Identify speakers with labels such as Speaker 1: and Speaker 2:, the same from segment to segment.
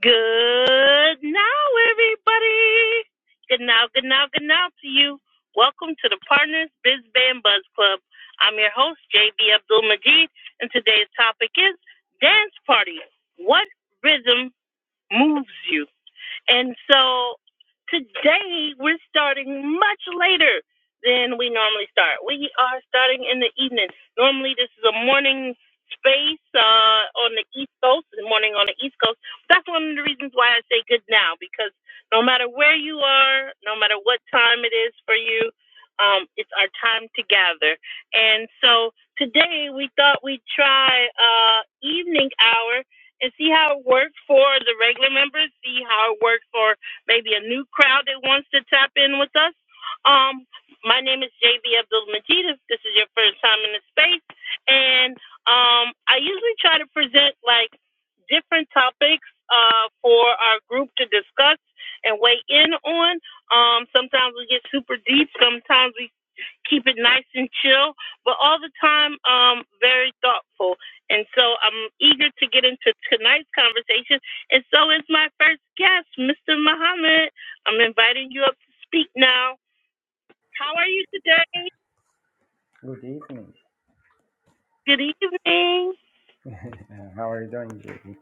Speaker 1: Good now, everybody. Good now, good now, good now to you. Welcome to the Partners Biz Band Buzz Club. I'm your host, JB Abdul Majid, and today's topic is dance party. What rhythm moves you? And so today we're starting much later than we normally start. We are starting in the evening. Normally this is a morning space uh, on the East Coast, in the morning on the East Coast. That's one of the reasons why I say good now because no matter where you are, no matter what time it is for you, um, it's our time to gather. And so today we thought we'd try uh, evening hour and see how it works for the regular members, see how it works for maybe a new crowd that wants to tap in with us. Um, my name is JB Abdul Majid. If this is your first time in the space, and um, I usually try to present like different topics uh, for our group to discuss and weigh in on. Um, sometimes we get super deep. Sometimes we keep it nice and chill, but all the time um, very thoughtful. And so I'm eager to get into tonight's conversation. And so is my first guest, Mr. Muhammad. I'm inviting you up to speak now. How are you today?
Speaker 2: Good evening.
Speaker 1: Good evening.
Speaker 2: How are you doing, JB?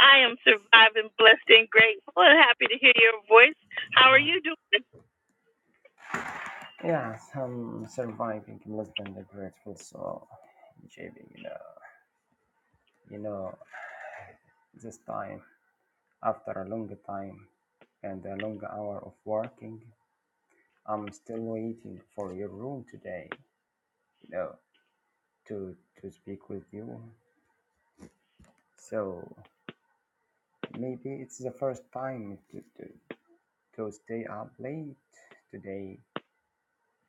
Speaker 1: I am surviving, blessed, and grateful, and happy to hear your voice. How are you doing?
Speaker 2: Yes, I'm surviving less than the grateful soul, JB. You know, you know, this time after a long time and a long hour of working, I'm still waiting for your room today. You know, to to speak with you. So maybe it's the first time to to, to stay up late today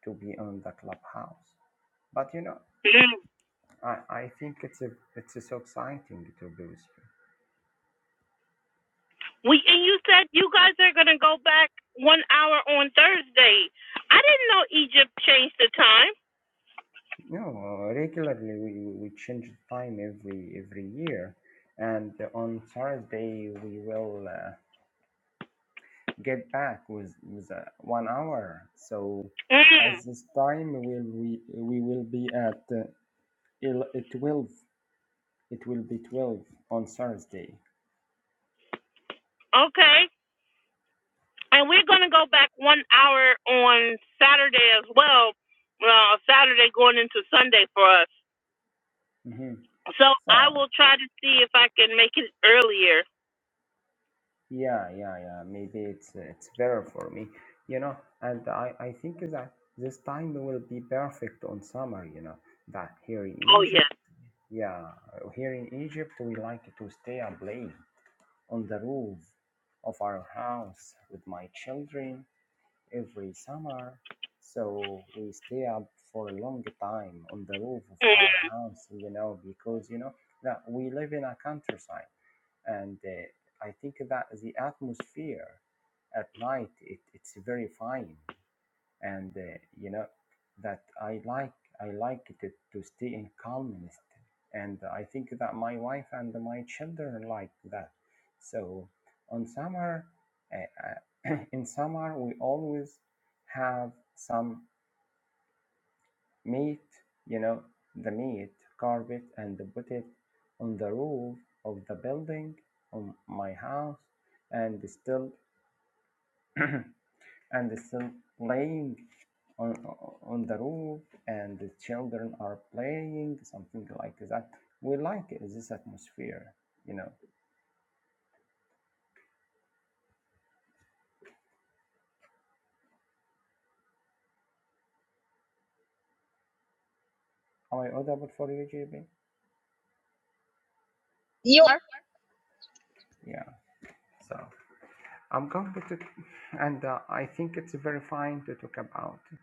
Speaker 2: to be on the clubhouse. But you know. I, I think it's a it's a so exciting to do this.
Speaker 1: We and you said you guys are gonna go back one hour on Thursday. I didn't know Egypt changed the time.
Speaker 2: you. No, uh, regularly we, we change the time every every year, and on Thursday we will uh, get back with with uh, one hour. So
Speaker 1: Mm.
Speaker 2: at this time will we we will be at uh, el- uh, twelve. It will be twelve on Thursday.
Speaker 1: Okay. And we're going to go back one hour on Saturday as well. Uh, Saturday going into Sunday for us.
Speaker 2: hmm
Speaker 1: So I
Speaker 2: So
Speaker 1: will try to see if I can make it earlier.
Speaker 2: Yeah, yeah, yeah. Maybe it's it's better for me, you know. And I I think that this time will be perfect on summer, you know. That here in
Speaker 1: Oh,
Speaker 2: Egypt,
Speaker 1: yeah.
Speaker 2: yeah, here in Egypt we like to stay and play on the roof of our house with my children every summer. So we stay up for a long time on the roof of
Speaker 1: Mm.
Speaker 2: our house, you know, because you know that we live in a countryside and uh, I think that the atmosphere at night it, it's very fine, and uh, you know that I like I like it to stay in calmness, and I think that my wife and my children like that. So on summer, uh, uh, in summer we always have some meat, you know, the meat, carpet, and put it on the roof of the building on my house, and still and still playing on on the roof, and the children are playing something like that. We like this atmosphere, you know. Am I audible for you, JB? You Yeah. So I'm going to, and uh, I think it's very fine to talk about.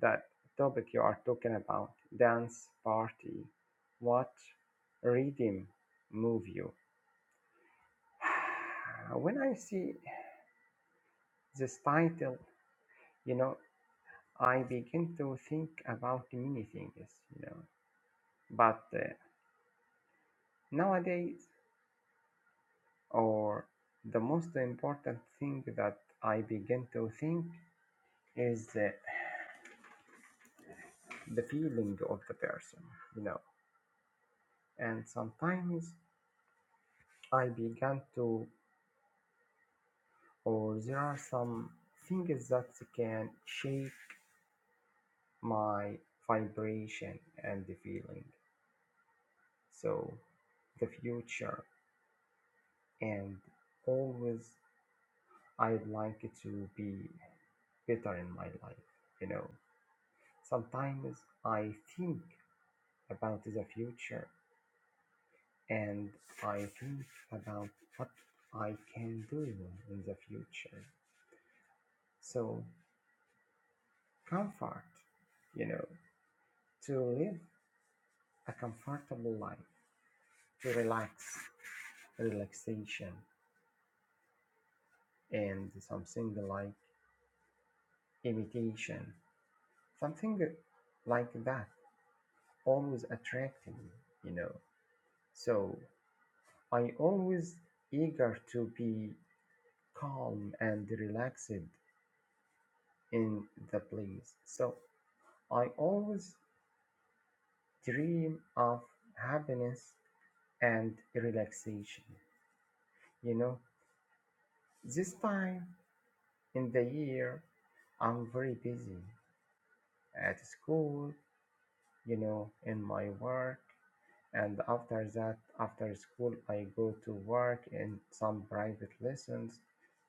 Speaker 2: that topic you are talking about, dance party, what rhythm move you? When I see this title, you know, I begin to think about many things, you know. But uh, nowadays, or the most important thing that I begin to think is uh, the feeling of the person, you know. And sometimes I began to or there are some things that can shake my vibration and the feeling. So the future and always I'd like it to be better in my life, you know. Sometimes I think about the future and I think about what I can do in the future. So comfort, you know, to live a comfortable life, to relax, relaxation, and something like imitation, something like that always attracted me, you know. So I always eager to be calm and relaxed in the place. So I always dream of happiness and relaxation, you know. This time in the year, I'm very busy at school, you know, in my work. And after that, after school, I go to work and some private lessons.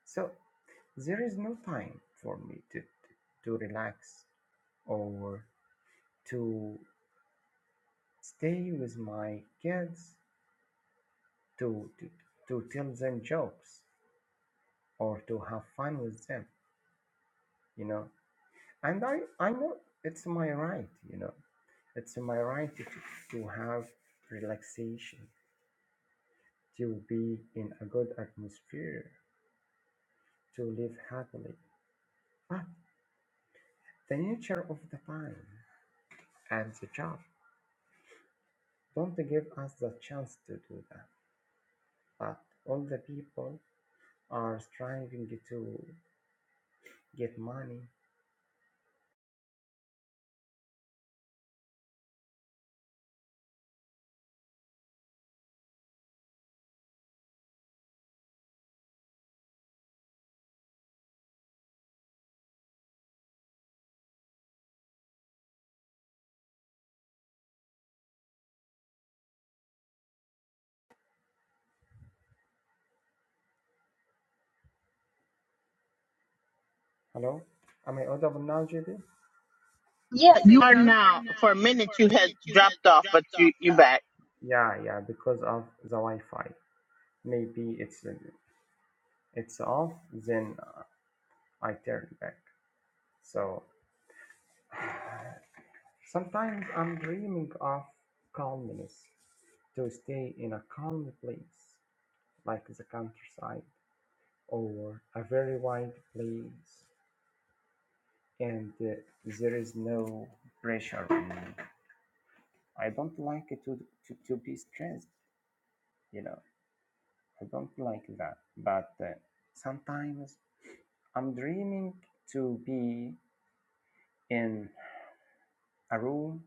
Speaker 2: So there is no time for me to, to relax or to stay with my kids to, to to tell them jokes or to have fun with them you know and i i know it's my right you know it's my right to, to have relaxation to be in a good atmosphere to live happily. But the nature of the time and the job don't give us the chance to do that. But all the people are striving to get money. Hello? Am I audible now, JD? Yeah, but you are now. For a minute, you had dropped off. Yeah, yeah, because of the Wi-Fi. Maybe it's it's off, then I turn back. So Sometimes I'm dreaming of calmness, to stay in a calm place, like the countryside or a very wide place, and uh, there is no pressure on me. I don't like to, to, to be stressed, you know, I don't like that. But uh, sometimes I'm dreaming to be in a room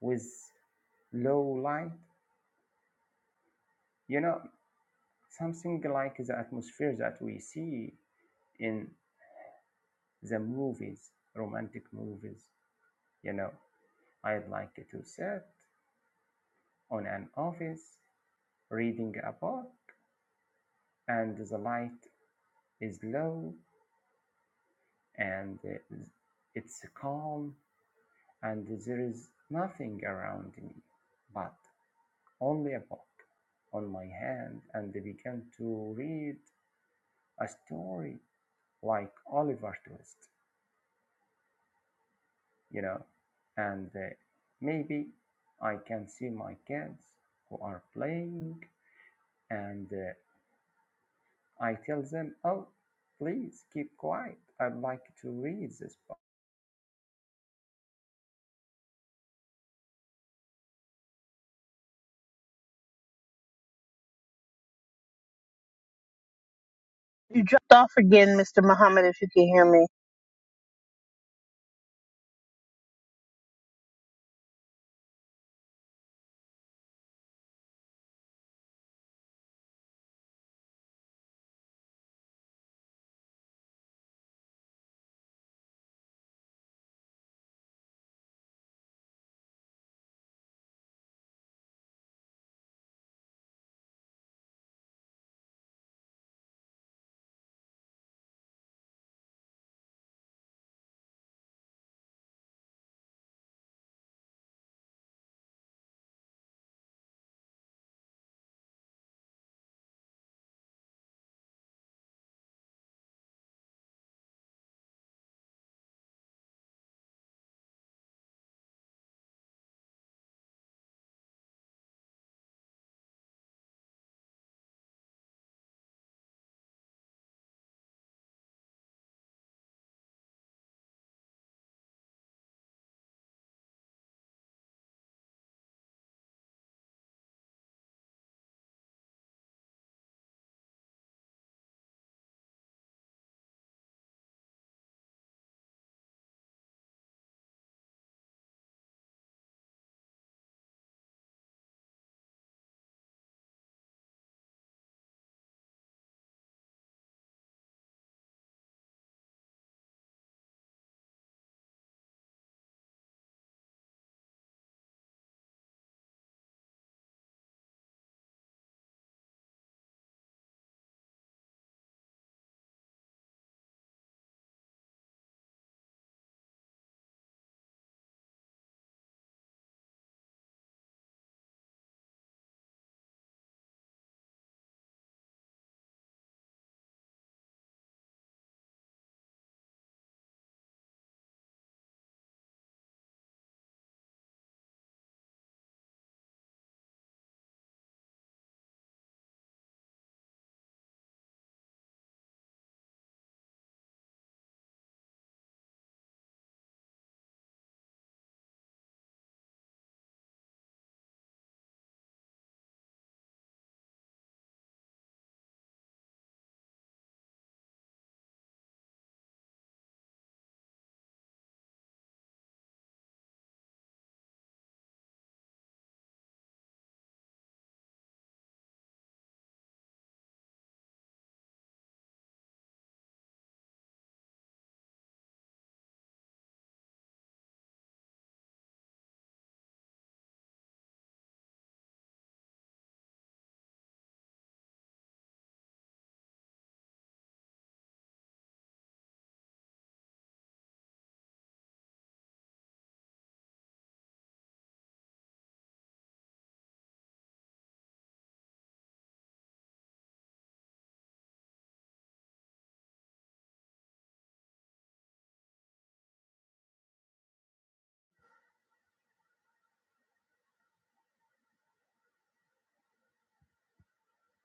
Speaker 2: with low light. You know, Something like the atmosphere that we see in the movies, romantic movies. You know, I'd like to sit on an office reading a book, and the light is low and it's calm, and there is nothing around me but only a book on my hand and they began to read a story like Oliver Twist. you know, and uh, maybe I can see my kids who are playing and uh, I tell them, oh, please keep quiet. I'd like to read this book.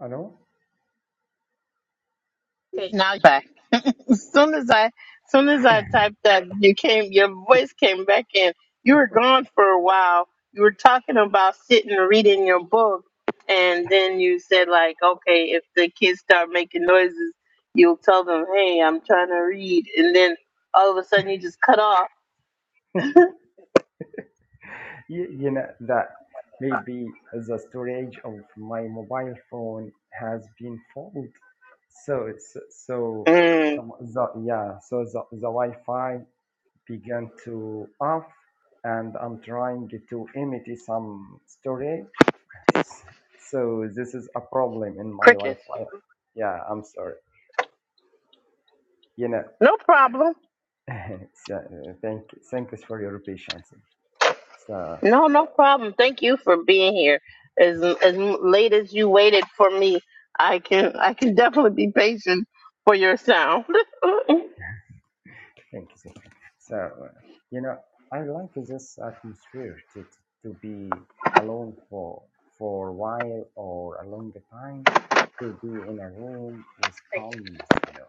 Speaker 2: You know,
Speaker 1: Okay, now you're back. As soon as I as soon as I typed that, you came your voice came back in. You were gone for a while. You were talking about sitting and reading your book and then you said like, okay, if the kids start making noises, you'll tell them, Hey, I'm trying to read and then all of a sudden you just
Speaker 2: you, you know that maybe the storage of my mobile phone has been full. So it's so, so the, yeah, so the, the Wi-Fi began to off and I'm trying to empty some storage. So this is a problem in my Wi-Fi. Yeah, I'm sorry. You know,
Speaker 1: no problem.
Speaker 2: so, uh, thank thanks for your patience. So
Speaker 1: No, no problem. Thank you for being here. As as late as you waited for me, I can I can definitely be patient for your sound.
Speaker 2: Thank you. So, uh, you know, I like this atmosphere to, to, to be alone for for a while or a longer time, to be in a room with calmness, you know.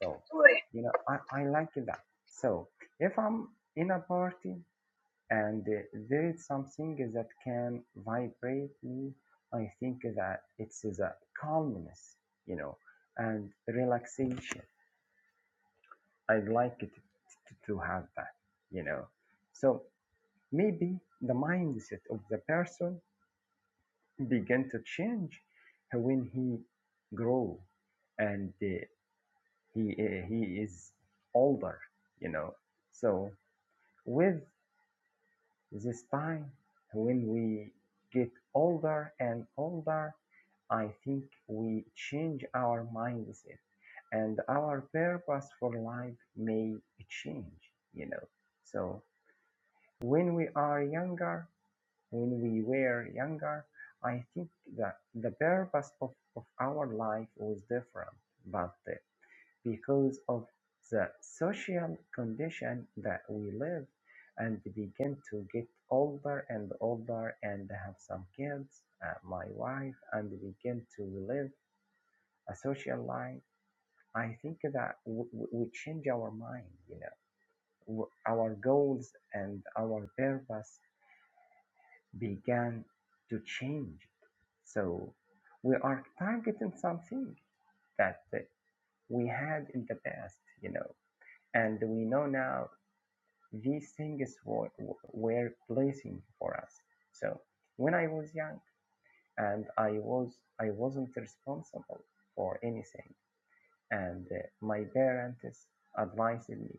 Speaker 2: So, you know, I, I like that. So, if I'm in a party and uh, there is something that can vibrate me, I think that it's the calmness, you know, and relaxation I'd like it t- to have that, you know. So maybe the mindset of the person began to change when he grow and uh, he uh, he is older, you know. So with this time, when we get older and older, I think we change our mindset and our purpose for life may change, you know. So When we are younger, when we were younger, I think that the purpose of, of our life was different, but uh, because of the social condition that we live and begin to get older and older and have some kids, uh, my wife, and begin to live a social life, I think that w- w- we change our mind, you know, w- our goals and our purpose began to change. So we are targeting something that we had in the past, you know, and we know now these things were, were placing for us. So when I was young and I was I wasn't responsible for anything, and uh, my parents advised me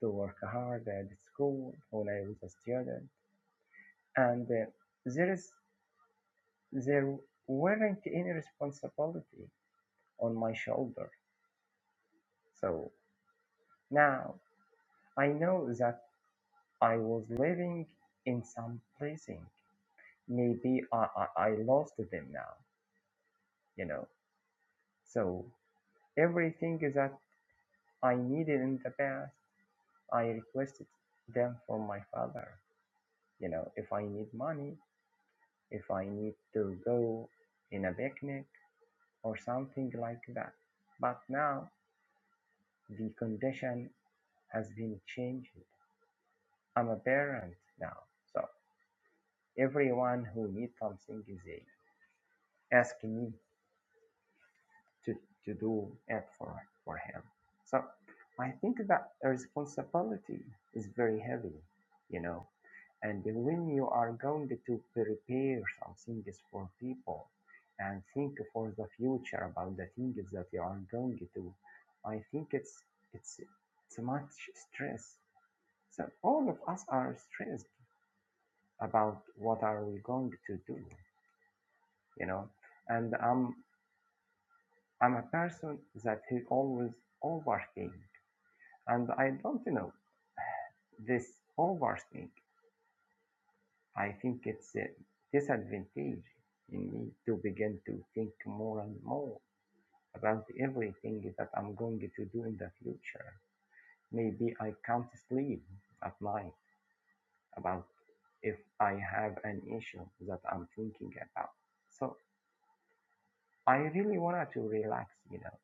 Speaker 2: to work hard at school when I was a student, and uh, there is there weren't any responsibility on my shoulder. So now I know that I was living in some blessing. Maybe I, I, I lost them now, you know. So everything that I needed in the past, I requested them from my father. You know, if I need money, if I need to go in a picnic or something like that. But now The condition has been changed. I'm a parent now, so everyone who needs something is asking me to, to do it for, for him. So I think that responsibility is very heavy, you know. And when you are going to prepare some things for people and think for the future about the things that you are going to, I think it's it's it's much stress So all of us are stressed about what are we going to do, you know. And I'm I'm a person that he always overthink, and I don't know this overthink. I think it's a disadvantage in me to begin to think more and more about everything that I'm going to do in the future. Maybe I can't sleep at night about if I have an issue that I'm thinking about. So I really wanted to relax, you know,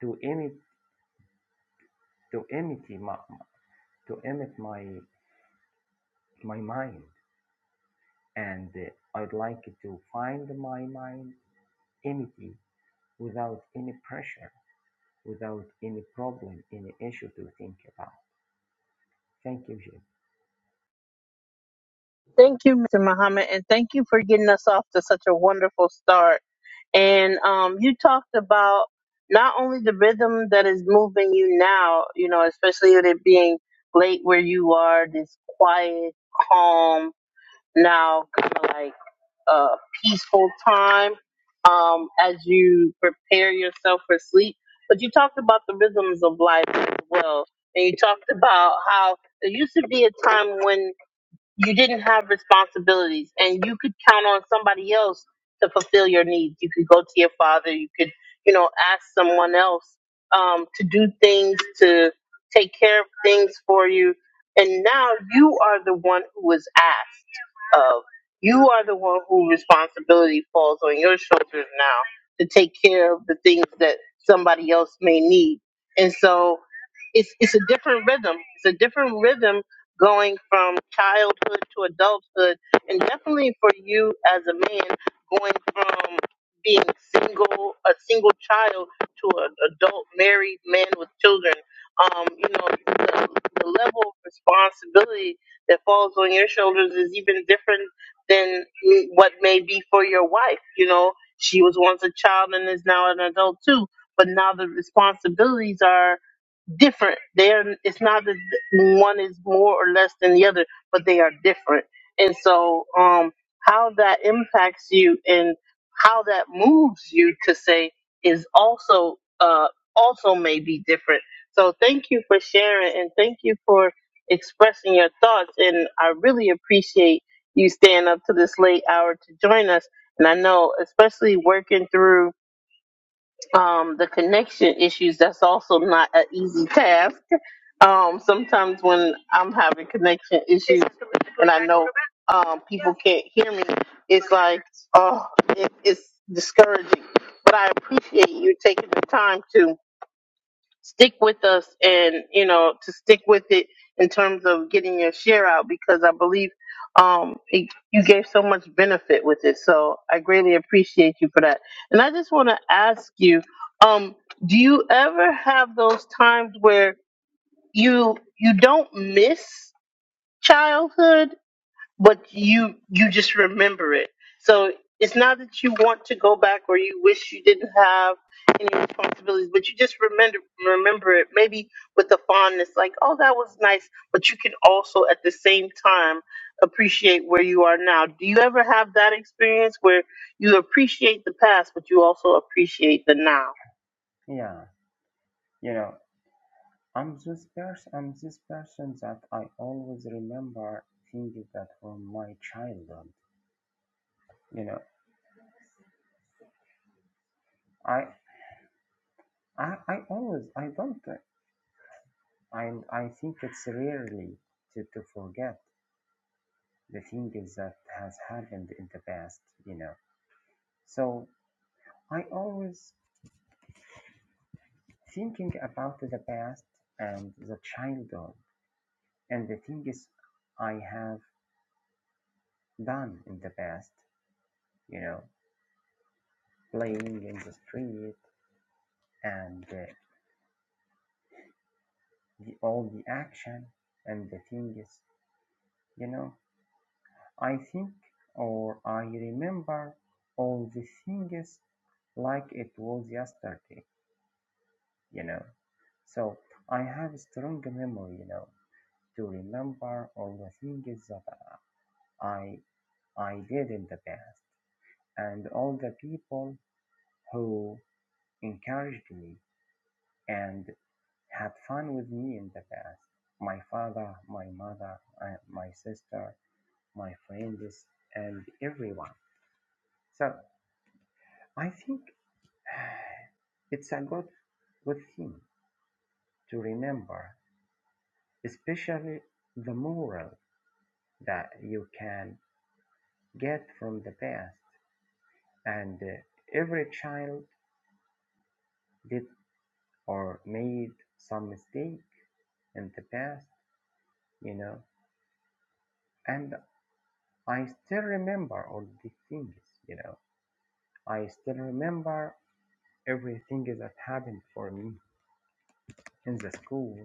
Speaker 2: to emit to emit my to emit my my mind, and uh, I'd like to find my mind empty without any pressure, without any problem, any issue to think about. Thank you, Jim.
Speaker 1: Thank you, Mr. Muhammad, and thank you for getting us off to such a wonderful start. And um, you talked about not only the rhythm that is moving you now, you know, especially with it being late where you are, this quiet, calm, now kind of like uh, peaceful time um, as you prepare yourself for sleep, but you talked about the rhythms of life as well. And you talked about how there used to be a time when you didn't have responsibilities and you could count on somebody else to fulfill your needs you could go to your father you could you know ask someone else um, to do things to take care of things for you and now you are the one who is asked of you are the one who responsibility falls on your shoulders now to take care of the things that somebody else may need and so it's it's a different rhythm. It's a different rhythm going from childhood to adulthood, and definitely for you as a man going from being single, a single child to an adult married man with children. Um, you know, the, the level of responsibility that falls on your shoulders is even different than what may be for your wife. You know, she was once a child and is now an adult too, but now the responsibilities are different. They are. It's not that one is more or less than the other, but they are different. And so, um, how that impacts you and how that moves you to say is also uh also may be different. So thank you for sharing and thank you for expressing your thoughts. And I really appreciate you staying up to this late hour to join us. And I know, especially working through um, the connection issues, that's also not an easy task um, sometimes when I'm having connection issues and I know um, people can't hear me, it's like, oh, it, it's discouraging. But I appreciate you taking the time to stick with us and, you know, to stick with it in terms of getting your share out because I believe um, it, you gave so much benefit with it. So I greatly appreciate you for that. And I just want to ask you, um, do you ever have those times where you you don't miss childhood, but you you just remember it. So it's not that you want to go back or you wish you didn't have any responsibilities, but you just remember remember it maybe with a fondness, like oh that was nice. But you can also at the same time appreciate where you are now. Do you ever have that experience where you appreciate the past, but you also appreciate the now?
Speaker 2: Yeah, you know, I'm this person. I'm this person that I always remember things that from my childhood. You know, I I I always I don't And I think it's rarely to, to forget the things that has happened in the past, you know. So I always thinking about the past and the childhood and the things I have done in the past, you know, playing in the street and uh, the, all the action and the things, you know. I think or I remember all the things like it was yesterday. you know. So I have a strong memory, you know, to remember all the things that I I did in the past and all the people who encouraged me and had fun with me in the past. My father, my mother, uh, my sister, my friends, and everyone. So I think it's a good good thing to remember, especially the moral that you can get from the past, and uh, every child did or made some mistake in the past, you know. And I still remember all the things, you know. I still remember everything that happened for me in the school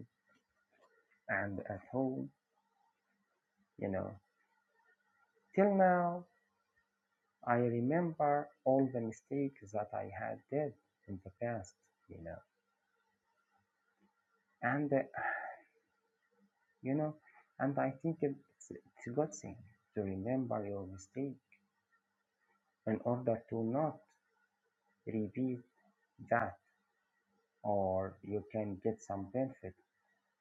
Speaker 2: and at home, you know. Till now, I remember all the mistakes that I had did in the past, you know. And uh, you know, and I think it's, it's a good thing to remember your mistake in order to not repeat that, or you can get some benefit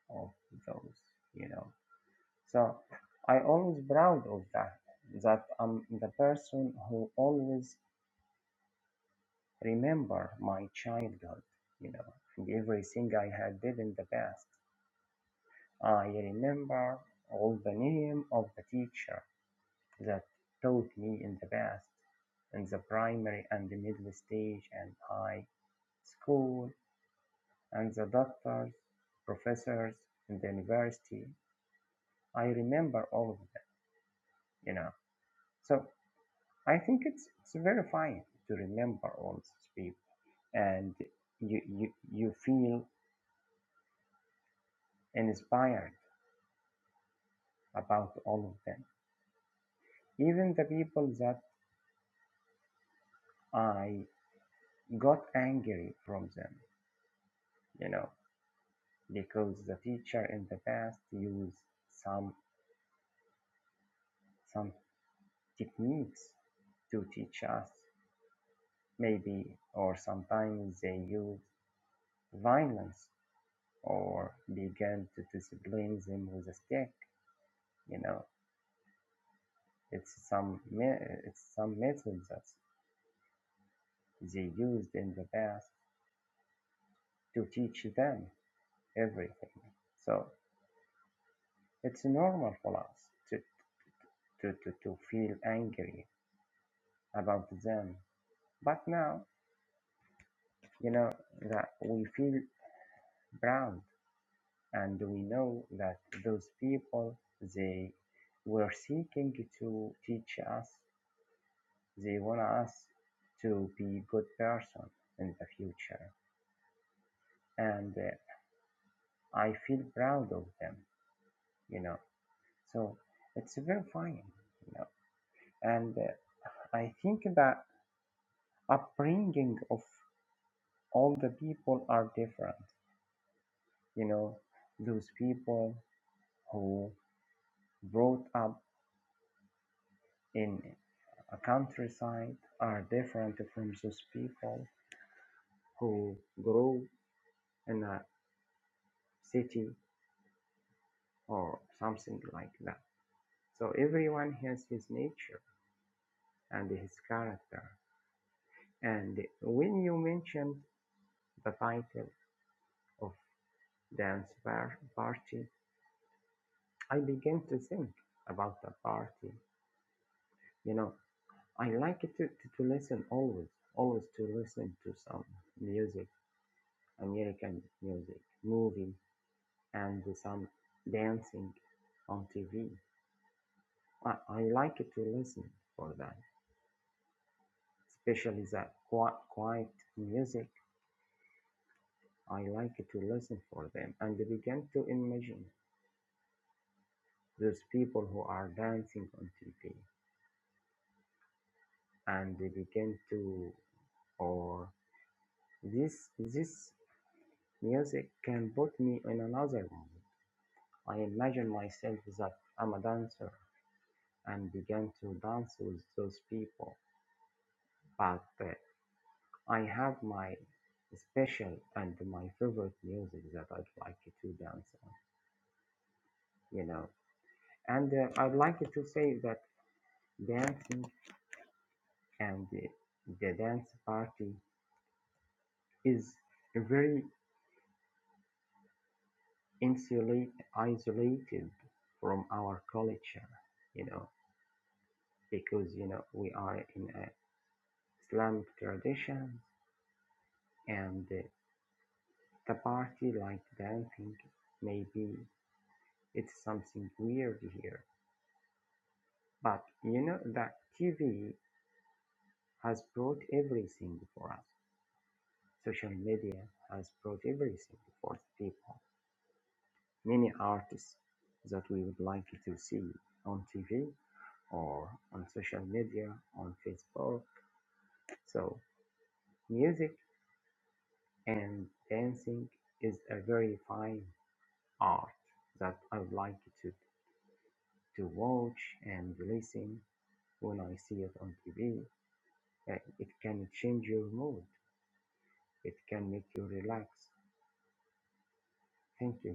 Speaker 2: of those, you know. So I always proud of that, that I'm the person who always remember my childhood, you know, and everything I had did in the past. I remember all the name of the teacher That taught me in the past, in the primary and the middle stage and high school, and the doctors, professors in the university. I remember all of them, you know. So I think it's, it's very fine to remember all these people and you, you, you feel inspired about all of them. Even the people that I got angry from them, you know. because the teacher in the past used some some techniques to teach us maybe or sometimes they used violence or began to discipline them with a stick you know it's some it's some methods that they used in the past to teach them everything so it's normal for us to to, to, to feel angry about them but now You know that we feel proud, and we know that those people they were seeking to teach us. They want us to be good person in the future, and uh, I feel proud of them. You know, so it's very fine. You know, and uh, I think that upbringing of all the people are different. You know, those people who brought up in A countryside are different from those people who grow in a city or something like that. So everyone has his nature and his character. And when you mentioned the title of dance party, I began to think about the party. You know, I like to, to, to listen always, always to listen to some music, American music, movie, and some dancing on TV. I, I like to listen for that, especially the quiet, quiet music. I like to listen for them and begin to imagine those people who are dancing on TV and they begin to or this this music can put me in another mood. I imagine myself that I'm a dancer and begin to dance with those people. But uh, I have my special and my favorite music that I'd like to dance on, you know. And uh, I'd like to say that dancing and the, the dance party is very insulate, isolated from our culture, you know, because, you know, we are in a Islamic tradition and uh, the party like dancing maybe it's something weird here But you know that TV has brought everything for us. Social media has brought everything for the people. Many artists that we would like to see on TV or on social media, on Facebook. So music and dancing is a very fine art that I would like to, to watch and listen when I see it on TV. Uh, It can change your mood. It can make you relax Thank you,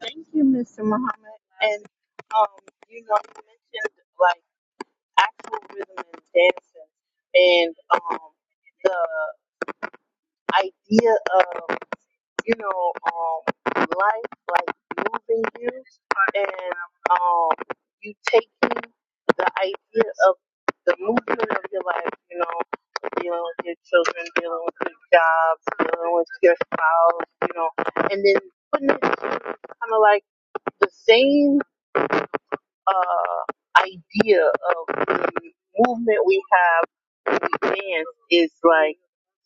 Speaker 1: Thank you, Mr. Muhammad. And um, you know, you mentioned. like, actual rhythm and dancing and um, the idea of you know um, life like moving you and um, you taking the idea of the movement of your life you know dealing with your children dealing with your jobs dealing with your spouse you know and then putting it kind of like the same uh, idea of the movement we have with the dance is like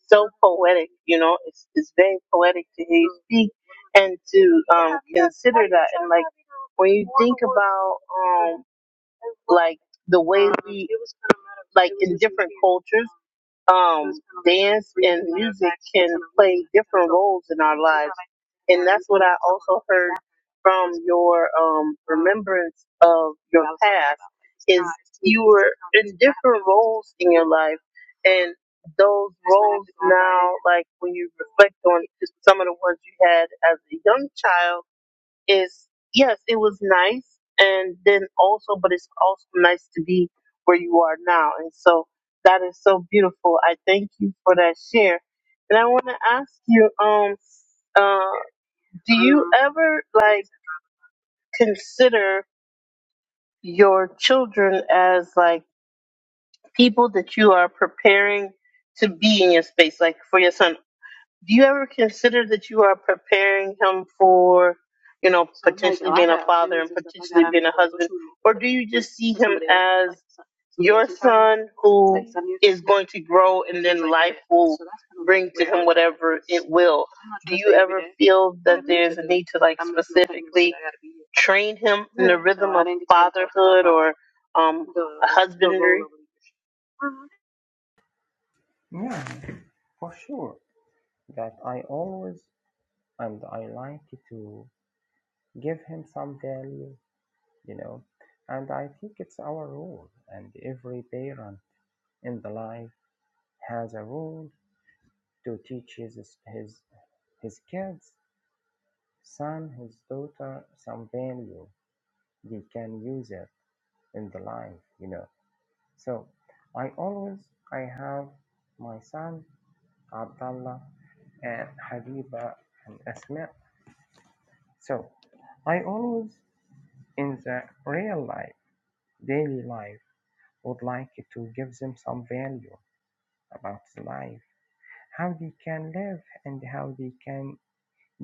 Speaker 1: so poetic, you know, it's, it's very poetic to hear you speak and to um, consider when you about um, like the way it was like cultures um dance different roles in our life. what I also heard from your um remembrance of your you different roles in your life and those like when you reflect on just some of the ones you had as a young child is yes, it was nice and then also but it's also nice to be where you are now. And so that is so beautiful. I thank you for that share. And I wanna ask you, um uh ever like consider your children as like people that you are preparing to be in your space? Like for your son, do you ever consider that you are preparing him for, you know, or do you one who going to grow in his will feel the need to like train him um
Speaker 2: Julie. Yeah. For sure, that I always and I like to give him some value, you know, and I think it's our role, and every parent in the life has a role to teach his his his kids, son, his daughter, some value. They can use it in the life, you know. So I always I have my son عبد and Habiba and Asma. So I always, in the real life, daily life, would like to give them some value about life, how they can live, and how they can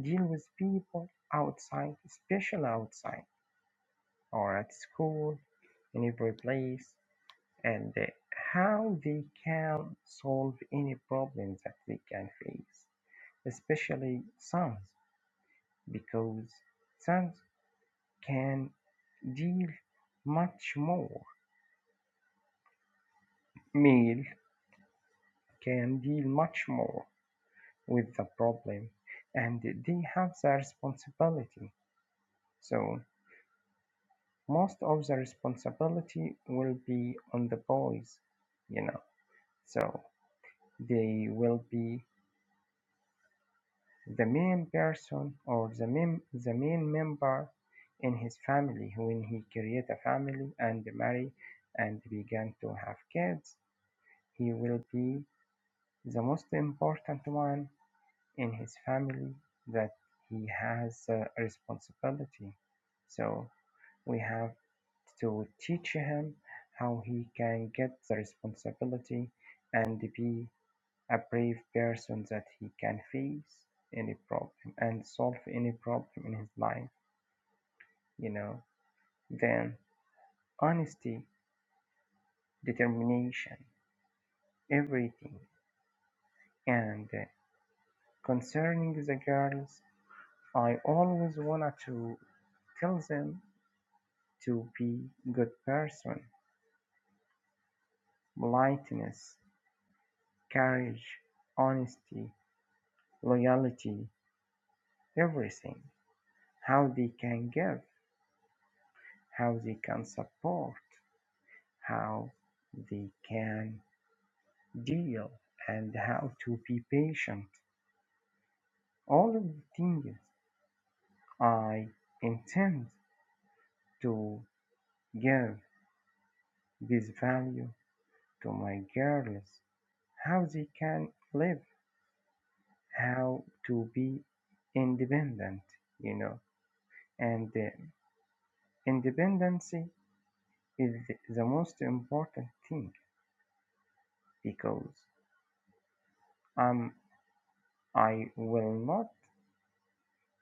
Speaker 2: deal with people outside, especially outside or at school, in every place, and uh, how they can solve any problem that they can face, especially sons. because sons can deal much more male can deal much more with the problem and they have the responsibility so most of the responsibility will be on the boys you know so they will be the main person or the main the main member in his family when he create a family and marry and began to have kids He will be the most important one in his family that he has a responsibility. So we have to teach him how he can get the responsibility and be a brave person that he can face any problem and solve any problem in his life, you know. Then honesty, determination, everything. And uh, concerning the girls, I always wanted to tell them to be good person, politeness, courage, honesty, loyalty, everything. How they can give, how they can support, how they can deal, and how to be patient. All of the things I intend to give this value to my girls how they can live how to be independent, you know, and uh, independency is th- the most important thing because um, I will not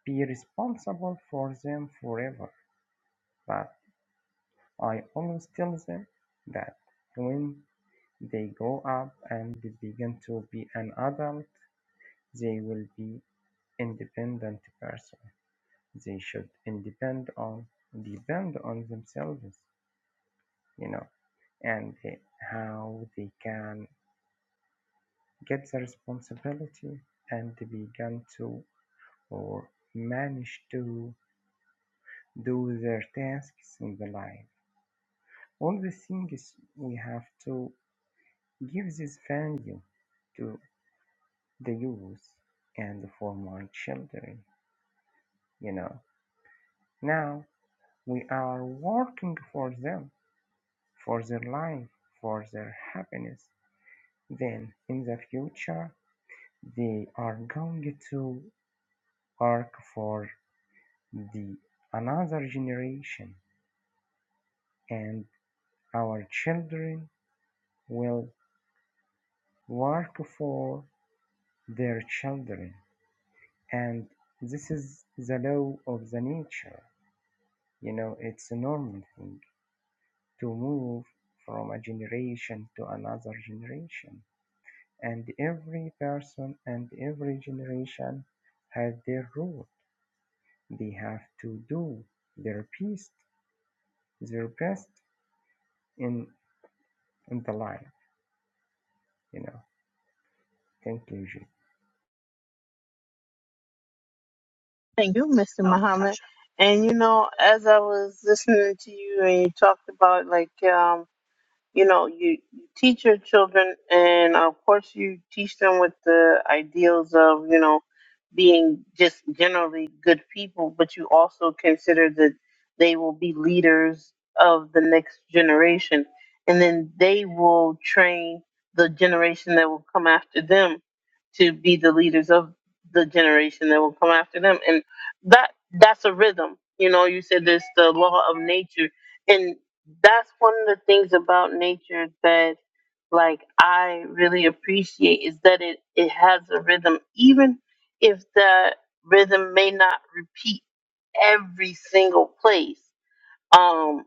Speaker 2: be responsible for them forever, but I always tell them that when they grow up and they begin to be an adult, they will be independent person. They should independ on depend on themselves you know, and uh, how they can get the responsibility and begin to or manage to do their tasks in the life. All the things we have to give this value to the youth and for my children, you know. Now we are working for them, for their life, for their happiness. Then in the future, they are going to Hark for the another generation, and our children will work for their children. And this is the law of the nature. You know, it's a normal thing to move from a generation to another generation. And every person and every generation has their role. They have to do their best, their best in, in the life, you know. conclusion.
Speaker 1: Thank you Mister. and you know as I was listening to you and you talked about like um. you know you, you teach your children and of course you teach them with the ideals of you know being just generally good people but you also consider that they will be leaders of the next generation and then they will train the generation that will come after them to be the leaders of the generation that will come after them and that that's a rhythm you know you said there's the law of nature and that's one of the things about nature that like I really appreciate is that it it has a rhythm even if the rhythm may not repeat every single place um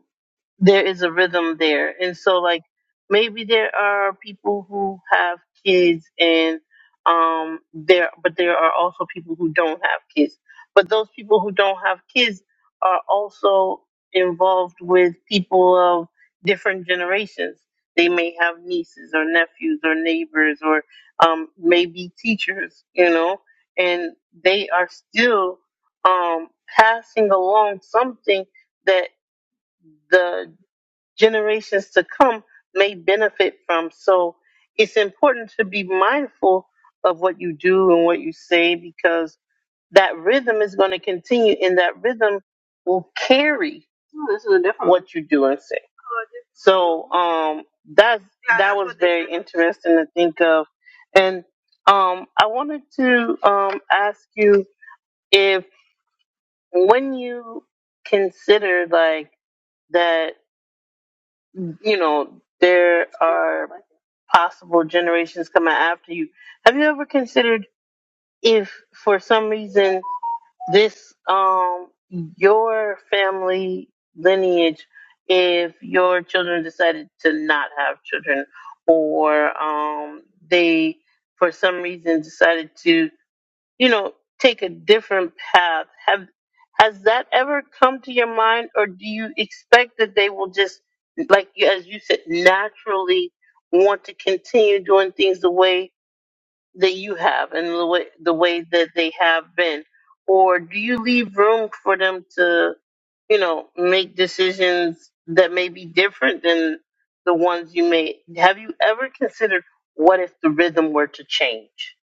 Speaker 1: there is a rhythm there and so like maybe there are people who have kids and um there but there are also people who don't have kids but those people who don't have kids are also involved with people of different generations they may have nieces or nephews or neighbors or um maybe teachers you know and they are still um passing along something the generations to come may benefit from. So it's important to be mindful of what you do and what you say because that rhythm is going to continue and that rhythm will carry what you do and say. So um, that's interesting to think of. And um, I wanted to um, ask you if when you consider like that, you know, there. possible generations coming after you. Have you ever considered if for some reason this um your family lineage if your children decided to not have children or um they for some reason decided to you know, take a different path. Have has that ever come to your mind, or do you expect that they will just, like you- as you said, naturally want to continue doing things the way that you have and the way the way that they have been, or do you leave room for them to, you know, make decisions that may be different than the ones you made? Have you ever considered what if the rhythm were to change?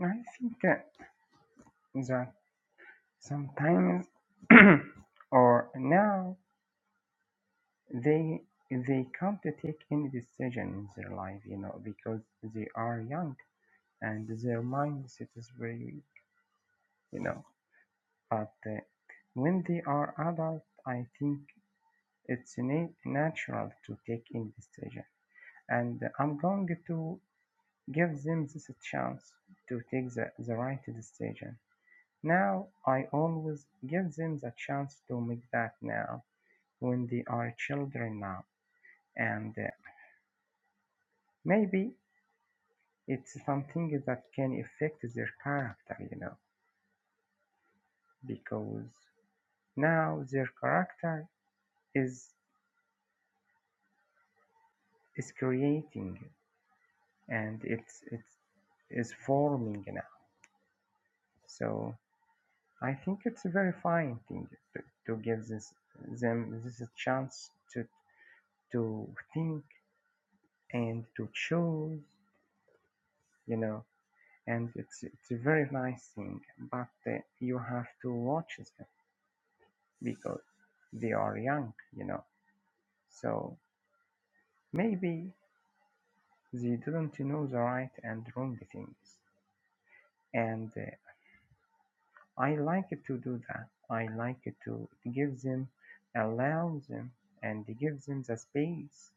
Speaker 2: I think uh, that sometimes or now they they can't take any decision in their life, you know, because they are young and their mindset is very weak, you know. But uh, when they are adult, I think it's na- natural to take any decision, and I'm going to give them this chance to take the, the right decision Now I always give them the chance to make that now when they are children now and uh, maybe it's something that can affect their character you know because now their character is is creating and it's it's is forming now so I think it's a very fine thing to, to give this them this a chance to to think and to choose you know and it's it's a very nice thing but uh, you have to watch them because they are young you know so maybe they didn't know the right and wrong things and uh, i like to do that i like to give them allow them and give them the space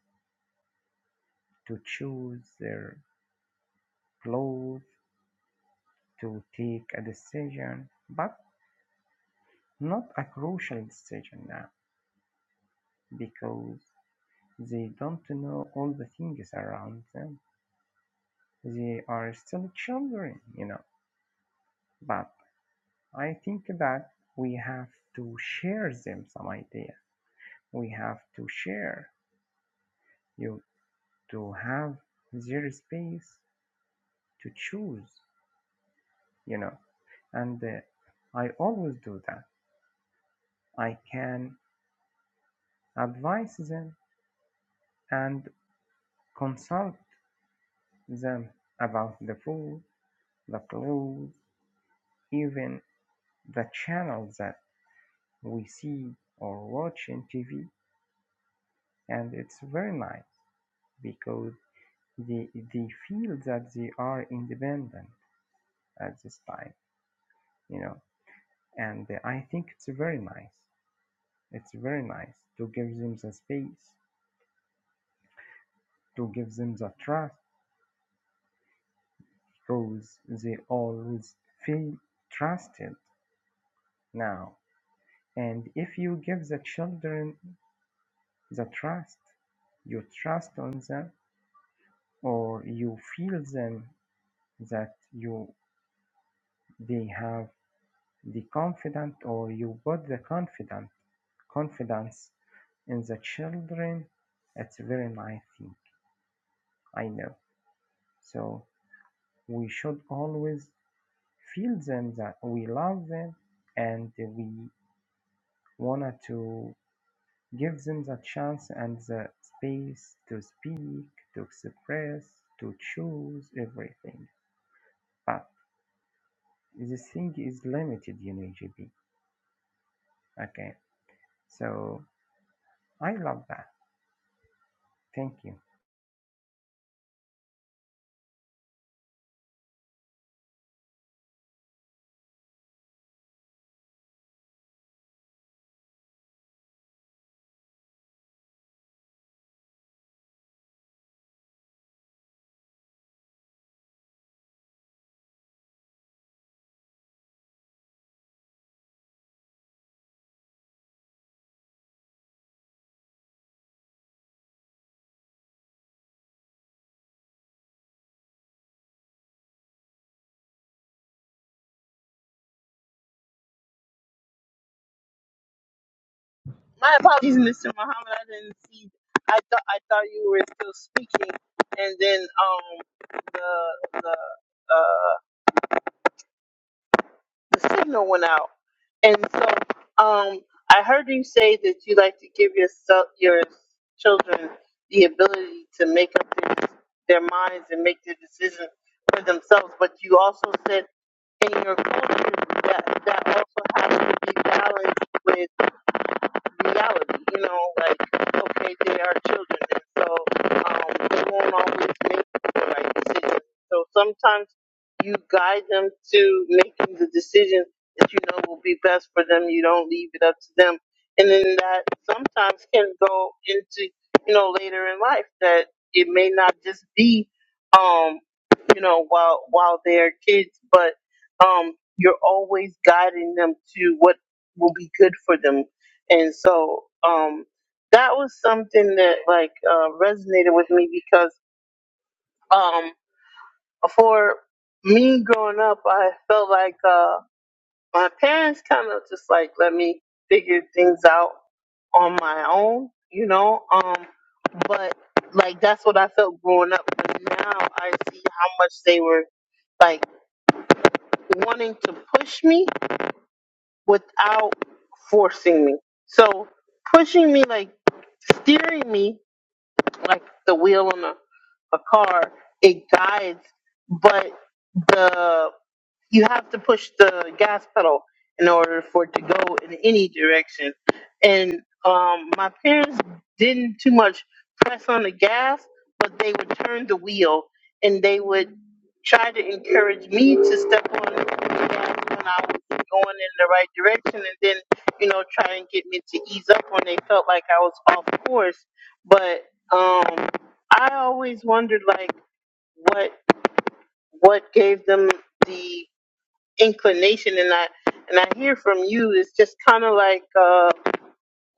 Speaker 2: to choose their clothes to take a decision but not a crucial decision now because They don't know all the things around them. They are still children, you know. But I think that we have to share them some ideas. We have to share you to have their space to choose, you know. And uh, I always do that. I can advise them and consult them about the food, the clothes, even the channel that we see or watch in TV, and it's very nice because they they feel that they are independent at this time, you know. And I think it's very nice. It's very nice to give them the space, to give them the trust, because they always feel trusted now. And if you give the children the trust, you trust on them, or you feel them that you They have the confidence or you put the confident confidence in the children. It's a very nice thing. I know. So we should always feel them that we love them and we wanted to give them the chance and the space to speak, to express, to choose everything. But this thing is limited, in know, Okay. So I love that. Thank you.
Speaker 1: My apologies, Mr. Muhammad. I didn't see. I thought I thought you were still speaking, and then um the the uh the signal went out, and so um I heard you say that you like to give yourself your children the ability to make up their, their minds and make their decisions for themselves, but you also said in your culture that that also has to be balanced reality, you know, like, okay, they are children, and so um, they won't always make the right decisions. So sometimes you guide them to making the decision that you know will be best for them. You don't leave it up to them. And then that sometimes can go into, you know, later in life that it may not just be, um, you know, while, while they're kids, but, um, you're always guiding them to what will be good for them and so um, that was something that like uh, resonated with me because um, for me growing up, I felt like uh, my parents kind of just like let me figure things out on my own, you know. Um, but like that's what I felt growing up. But now I see how much they were like wanting to push me without forcing me. So pushing me like steering me like the wheel on a, a car, it guides, but the you have to push the gas pedal in order for it to go in any direction. And um, my parents didn't too much press on the gas, but they would turn the wheel and they would try to encourage me to step on the gas when I was going in the right direction and then, you know, try and get me to ease up when they felt like I was off course. But um, I always wondered, like, what what gave them the inclination and I and I hear from you it's just kind of like uh,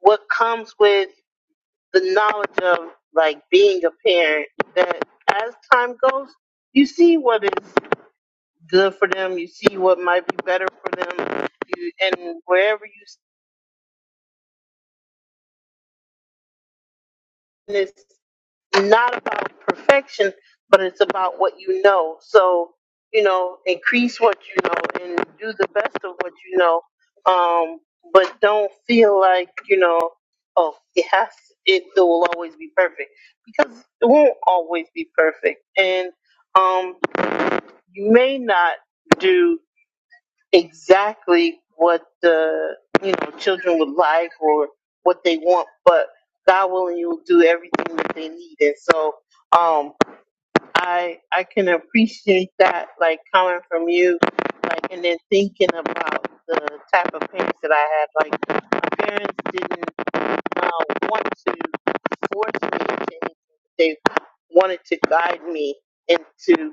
Speaker 1: what comes with the knowledge of like being a parent that as time goes you see what is good for them you see what might be better for them you, and wherever you stand not about perfection, but it's about what you know. So, you know, increase what you know and do the best of what you know. Um, but don't feel like, you know, oh, it has, it, it will always be perfect because it won't always be perfect. And, um, you may not do exactly what the you know children would like or what they want, but God willing, you'll do everything that they need. And so, um, I I can appreciate that like coming from you, like and then thinking about the type of parents that I had. Like my parents didn't uh, want to force me into anything; they wanted to guide me into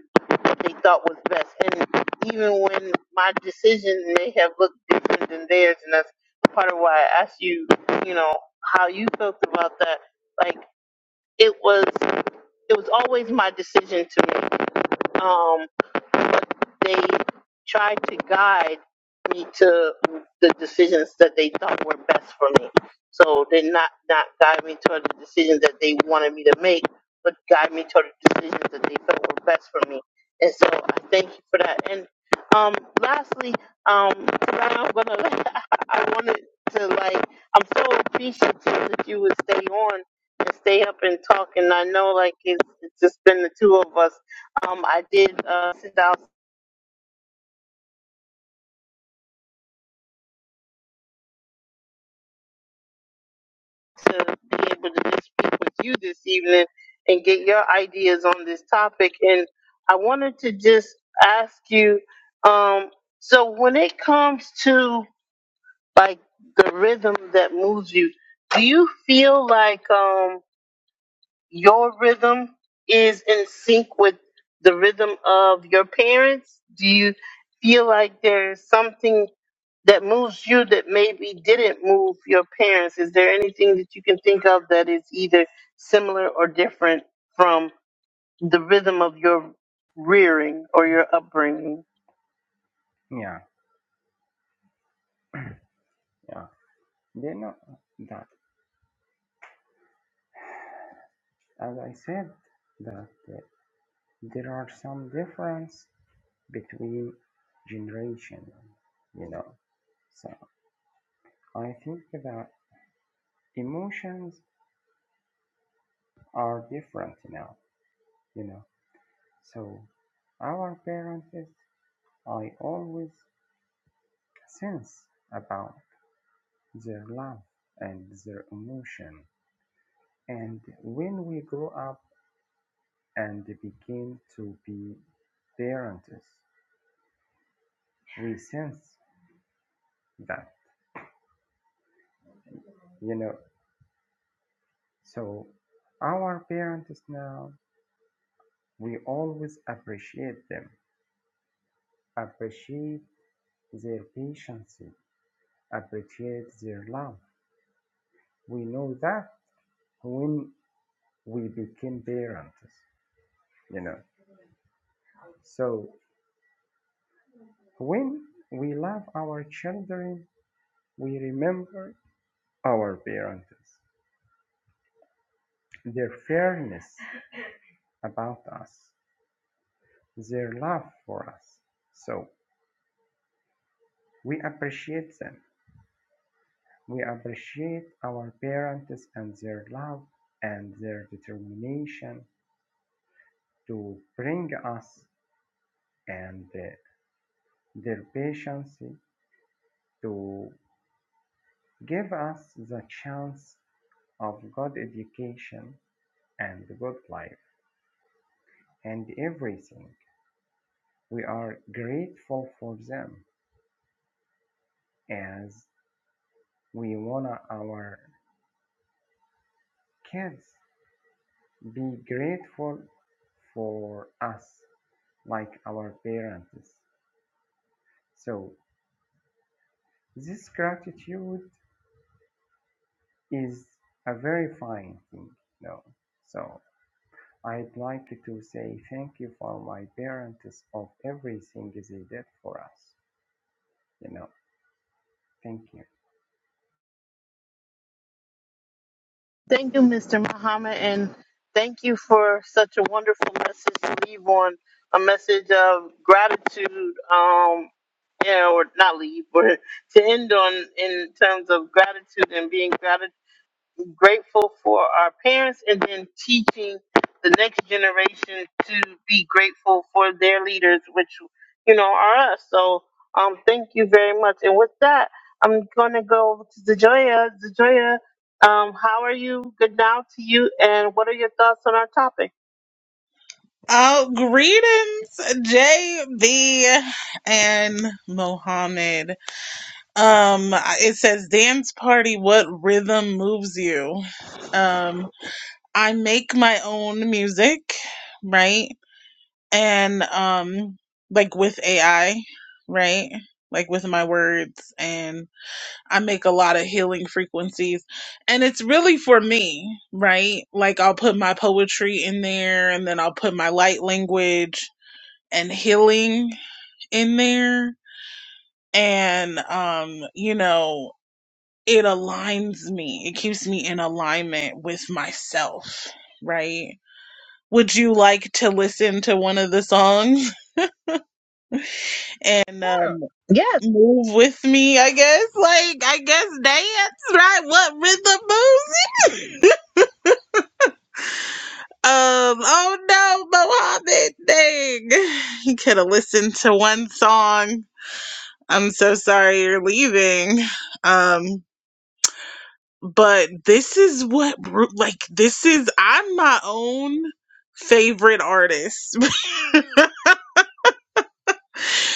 Speaker 1: they thought was best. And even when my decision may have looked different than theirs, and that's part of why I asked you, you know, how you felt about that. Like it was, it was always my decision to make. Um, they tried to guide me to the decisions that they thought were best for me. So they not not guide me toward the decisions that they wanted me to make, but guide me toward the decisions that they felt were best for me. And so I thank you for that. And um, lastly, um, I'm gonna, I wanted to like, I'm so appreciative that you would stay on and stay up and talk. And I know like it's, it's just been the two of us um, I did uh, sit down to be able to just speak with you this evening and get your ideas on this topic. And I wanted to just ask you um, so, when it comes to like the rhythm that moves you, do you feel like um, your rhythm is in sync with the rhythm of your parents? Do you feel like there's something? that moves you that maybe didn't move your parents? Is there anything that you can think of that is either similar or different from the rhythm of your rearing or your upbringing?
Speaker 2: Yeah, yeah. They know that, as I said, that uh, there are some difference between generation. You know, so I think that emotions are different now. You know, so our parents, I always sense about their love and their emotion, and when we grow up and begin to be parents we sense that, you know. So our parents now, we always appreciate them, appreciate their patience, appreciate their love. We know that when we became parents, you know. So when we love our children, we remember our parents, their fairness about us, their love for us. So we appreciate them. We appreciate our parents and their love and their determination to bring us and uh, their patience to give us the chance of good education and good life and everything. We are grateful for them as we want our kids be grateful for us like our parents. So this gratitude is a very fine thing, you know. So I'd like to say thank you for my parents of everything they did for us, you know. Thank you.
Speaker 1: Thank you, Mr. Muhammad, and thank you for such a wonderful message to leave on a message of gratitude. Um, yeah, or not leave, but to end on in terms of gratitude and being gratitude. grateful for our parents and then teaching the next generation to be grateful for their leaders, which, you know, are us. So um, thank you very much. And with that, I'm going to go over to Zajoya. Zajoya, um, how are you? Good now to you. And what are your thoughts on our topic?
Speaker 3: Oh, greetings, JB and Mohammed. Um, it says dance party. What rhythm moves you? Um, I make my own music, right? And um, like with AI, right? Like with my words, and I make a lot of healing frequencies, and it's really for me, right? Like I'll put my poetry in there, and then I'll put my light language and healing in there and um you know it aligns me it keeps me in alignment with myself right would you like to listen to one of the songs and um, move with me i guess like i guess dance right what rhythm moves you? um oh no mohammed dang you could have listened to one song i'm so sorry you're leaving um but this is what Ru- like this is I'm my own favorite artist.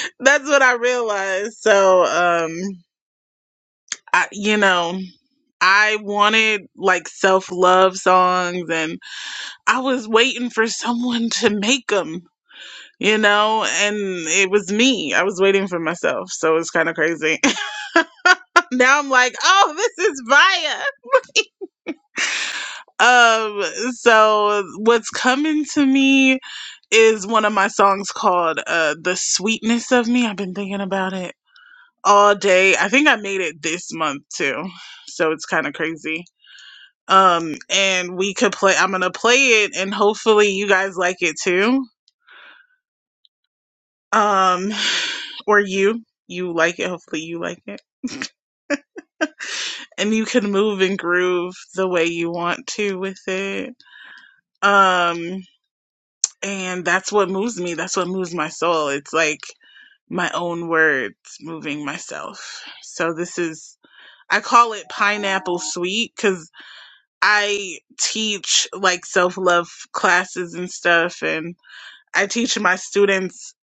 Speaker 3: That's what I realized. So um I you know I wanted like self-love songs and I was waiting for someone to make them, you know, and it was me. I was waiting for myself. So it's kind of crazy. now I'm like, "Oh, this is fire." Um, so what's coming to me is one of my songs called uh The Sweetness of Me. I've been thinking about it all day. I think I made it this month too. So it's kind of crazy. Um and we could play I'm going to play it and hopefully you guys like it too. Um or you you like it hopefully you like it and you can move and groove the way you want to with it. Um and that's what moves me that's what moves my soul it's like my own words moving myself so this is i call it pineapple sweet because i teach like self-love classes and stuff and i teach my students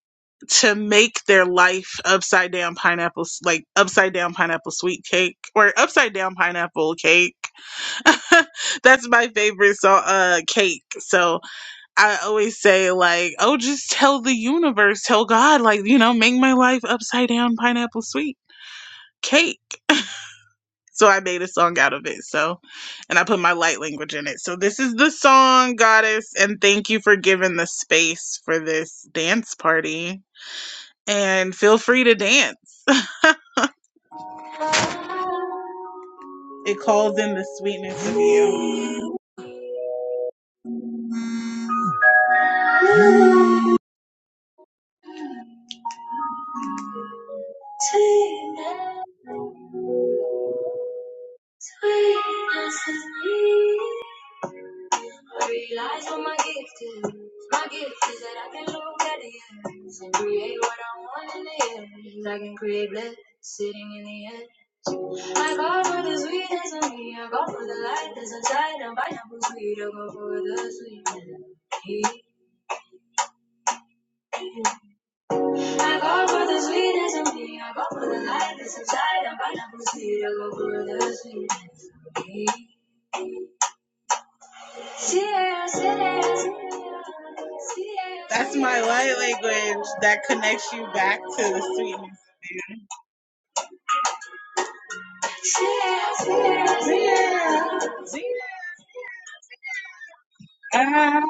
Speaker 3: to make their life upside down pineapple like upside down pineapple sweet cake or upside down pineapple cake that's my favorite so uh cake so I always say like, oh, just tell the universe, tell God, like, you know, make my life upside down pineapple sweet cake. So I made a song out of it. So, and I put my light language in it. So this is the song, Goddess, and thank you for giving the space for this dance party. And feel free to dance. It calls in the sweetness of you. That's my light language that connects you back to the sweetness of you. Um,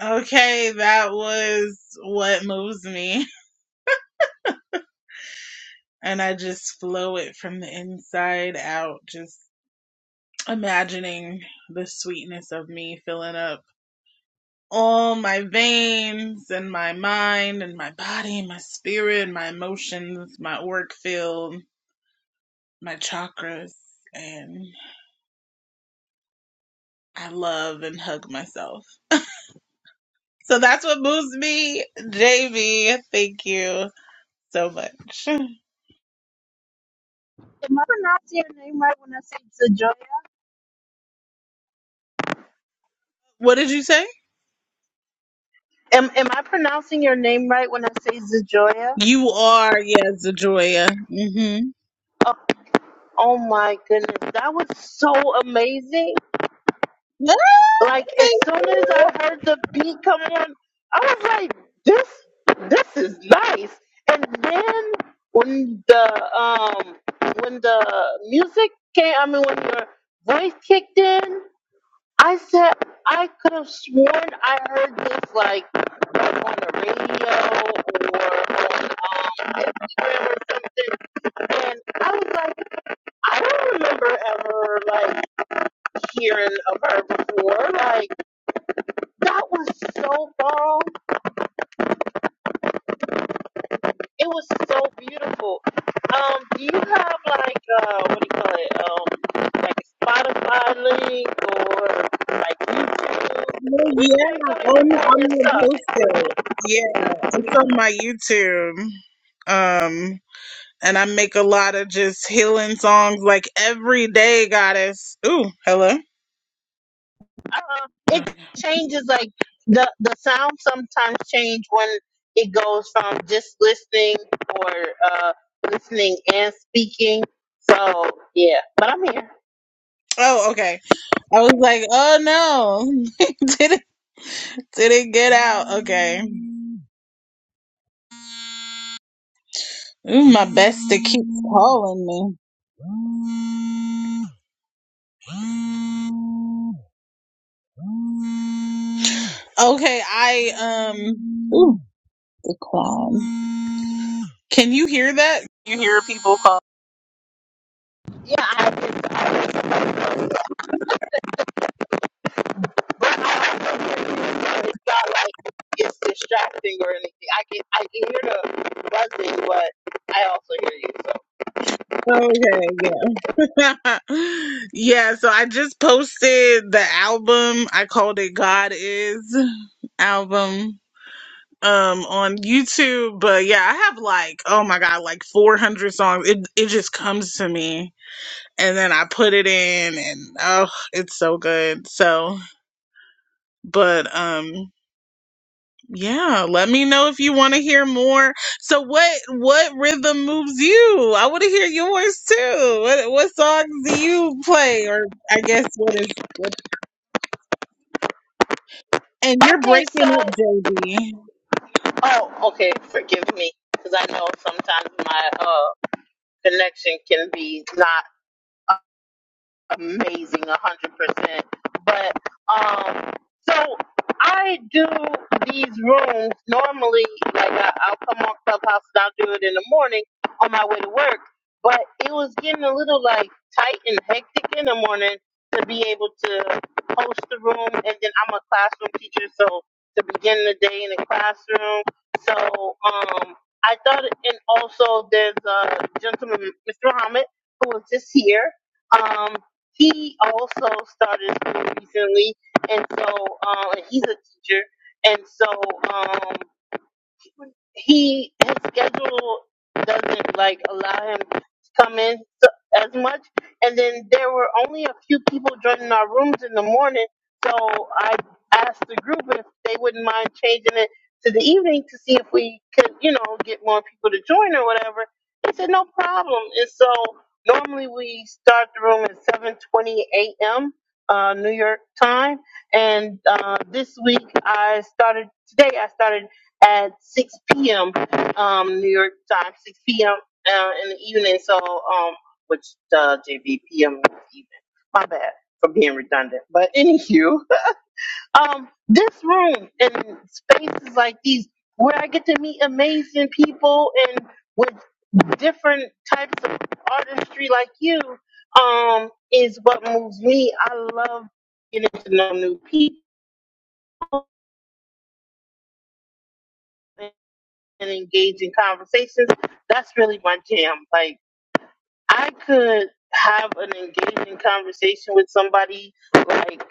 Speaker 3: okay, that was what moves me. And I just flow it from the inside out, just imagining the sweetness of me filling up all my veins and my mind and my body, my spirit, my emotions, my work field, my chakras. And I love and hug myself. So that's what moves me, JV. Thank you so much.
Speaker 1: Am I pronouncing your name right when I say Zajoya?
Speaker 3: What did you say?
Speaker 1: Am, am I pronouncing your name right when I say Zajoya?
Speaker 3: You are, yes, Adroya. Mm-hmm.
Speaker 1: Oh, oh my goodness, that was so amazing.
Speaker 3: No,
Speaker 1: Like as
Speaker 3: thank
Speaker 1: soon as I
Speaker 3: you.
Speaker 1: heard the beat come on, I was like, "This, this is nice." And then when the um when the music came, I mean when your voice kicked in, I said I could have sworn I heard this like on the radio or on um, Instagram or something. And I was like, I don't remember ever like hearing of her before, like. That was so bomb. It was so beautiful. Um, do you have like uh, what do you call it? Um, like a Spotify link or like YouTube?
Speaker 3: Well,
Speaker 1: Where
Speaker 3: yeah,
Speaker 1: can I go to hear
Speaker 3: I'm,
Speaker 1: more of your
Speaker 3: I'm gonna
Speaker 1: stuff?
Speaker 3: post it. Yeah, it's on my YouTube. Um, and I make a lot of just healing songs like every day, goddess. Ooh, hello.
Speaker 1: Um, it changes like the the sound sometimes change when it goes from just listening or uh listening and speaking. So yeah, but I'm here.
Speaker 3: Oh, okay. I was like, oh no, didn't didn't get out. Okay. Ooh, my best to keep calling me. Okay, I um. Ooh, the clown. Can you hear that? You hear people call.
Speaker 1: not like it's distracting or anything. I can I can hear the buzzing, but I also hear you. So
Speaker 3: Okay, yeah. yeah, so I just posted the album. I called it God Is album um on YouTube, but yeah, I have like oh my god, like 400 songs. It it just comes to me and then I put it in and oh, it's so good. So, but um Yeah, let me know if you want to hear more. So what what rhythm moves you? I want to hear yours too. What what songs do you play or I guess what is what, And you're
Speaker 1: okay,
Speaker 3: breaking
Speaker 1: so
Speaker 3: up, JB.
Speaker 1: oh okay, forgive me because I know sometimes my uh connection can be not. amazing, a hundred percent. But um, so I do these rooms normally. Like I, I'll come on Clubhouse and I'll do it in the morning on my way to work. But it was getting a little like tight and hectic in the morning to be able to host the room, and then I'm a classroom teacher, so to begin the day in the classroom. So um, I thought, and also there's a gentleman, Mr. Muhammad, who was just here. Um he also started school recently, and so um, he's a teacher, and so um, he his schedule doesn't like allow him to come in so, as much. And then there were only a few people joining our rooms in the morning, so I asked the group if they wouldn't mind changing it to the evening to see if we could, you know, get more people to join or whatever. They said no problem, and so normally we start the room at seven twenty a.m. Uh, New York time, and uh, this week I started today. I started at 6 p.m. Um, New York time, 6 p.m. Uh, in the evening. So, um, which uh, JVPM in the evening. My bad for being redundant. But anywho, um, this room and spaces like these where I get to meet amazing people and with different types of artistry like you, um, is what moves me. I love getting to know new people and engage in conversations that's really my jam. Like I could have an engaging conversation with somebody like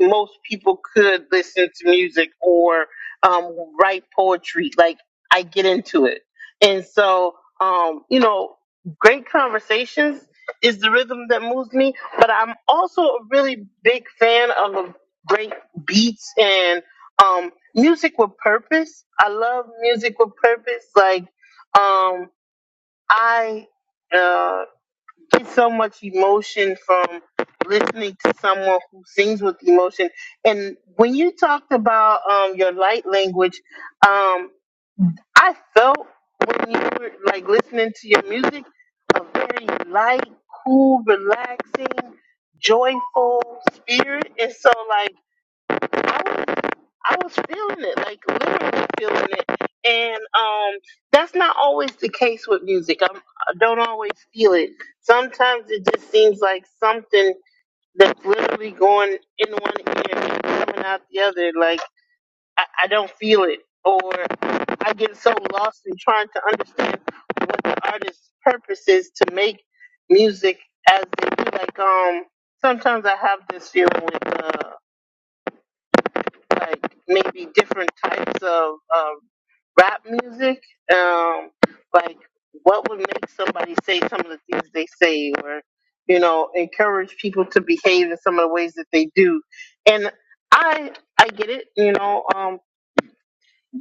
Speaker 1: most people could listen to music or um, write poetry. Like I get into it, and so um, you know, great conversations is the rhythm that moves me. But I'm also a really big fan of a great beats and um, music with purpose. I love music with purpose. Like um, I. uh, get so much emotion from listening to someone who sings with emotion. And when you talked about um, your light language, um, I felt when you were like listening to your music, a very light, cool, relaxing, joyful spirit. And so, like. I was I was feeling it, like literally feeling it. And um that's not always the case with music. I'm, I don't always feel it. Sometimes it just seems like something that's literally going in one ear and coming out the other. Like I, I don't feel it, or I get so lost in trying to understand what the artist's purpose is to make music as they do. Like um sometimes I have this feeling with. uh, like maybe different types of um, rap music. Um, like what would make somebody say some of the things they say, or you know, encourage people to behave in some of the ways that they do. And I I get it, you know. Um,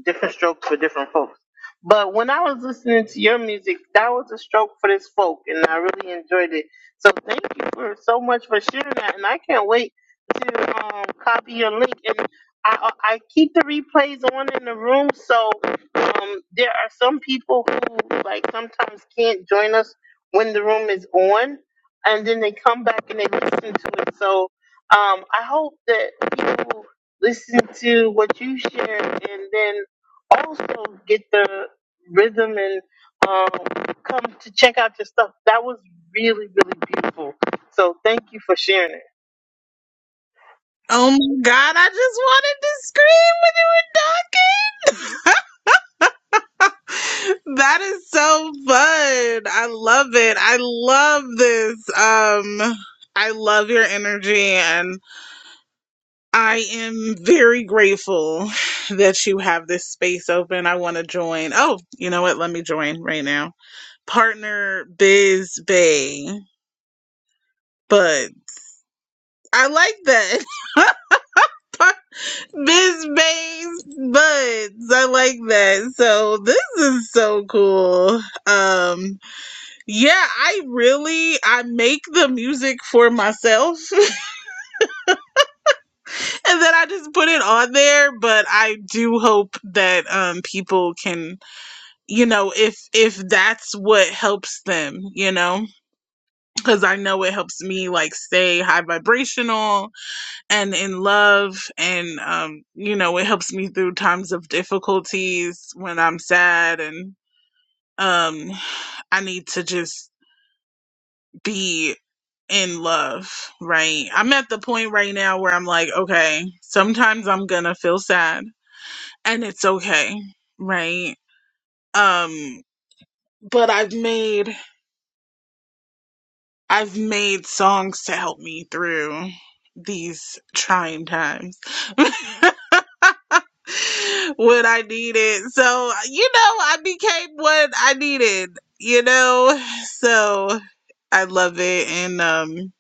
Speaker 1: different strokes for different folks. But when I was listening to your music, that was a stroke for this folk, and I really enjoyed it. So thank you for so much for sharing that, and I can't wait to um, copy your link. And I, I keep the replays on in the room, so um, there are some people who like sometimes can't join us when the room is on, and then they come back and they listen to it. So um, I hope that people listen to what you shared and then also get the rhythm and um, come to check out your stuff. That was really, really beautiful. So thank you for sharing it.
Speaker 3: Oh my god, I just wanted to scream when you were talking. that is so fun. I love it. I love this. Um I love your energy and. I am very grateful that you have this space open. I want to join. Oh, you know what? Let me join right now. Partner Biz Bay. But I like that. Par- Biz Bay's buds. I like that. So this is so cool. Um yeah, I really I make the music for myself and then I just put it on there, but I do hope that um people can you know if if that's what helps them you know because i know it helps me like stay high vibrational and in love and um you know it helps me through times of difficulties when i'm sad and um i need to just be in love right i'm at the point right now where i'm like okay sometimes i'm gonna feel sad and it's okay right um but i've made I've made songs to help me through these trying times when I needed. So, you know, I became what I needed, you know? So I love it. And um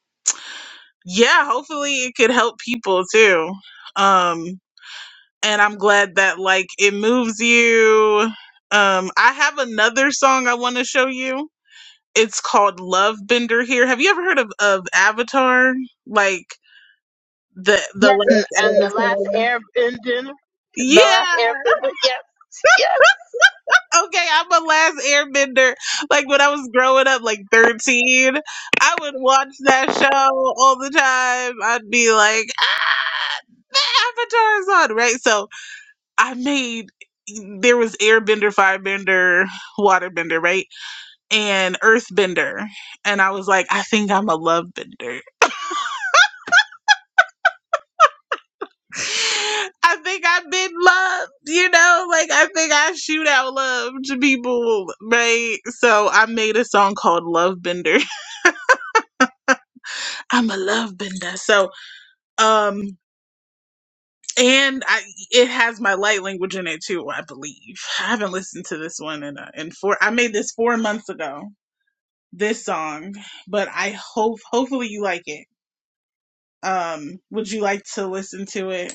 Speaker 3: yeah, hopefully it could help people too. Um and I'm glad that like it moves you. Um I have another song I want to show you it's called Love Bender here. Have you ever heard of, of Avatar? Like the the
Speaker 1: Yes, and, and the
Speaker 3: last
Speaker 1: last
Speaker 3: Avatar.
Speaker 1: airbender, the last
Speaker 3: Yeah.
Speaker 1: airbender, yes, yes.
Speaker 3: Okay, I'm a last airbender. Like when I was growing up, like thirteen, I would watch that show all the time. I'd be like, the Avatar's on, right? So I made there was airbender, firebender, waterbender, right? And earthbender. And I was like, I think I'm a lovebender I think I've been loved, you know, like I think I shoot out love to people, right? So I made a song called Love Bender. I'm a love bender. So, um, and I it has my light language in it too, I believe. I haven't listened to this one in a, in four. I made this four months ago. This song, but I hope hopefully you like it. Um, would you like to listen to it?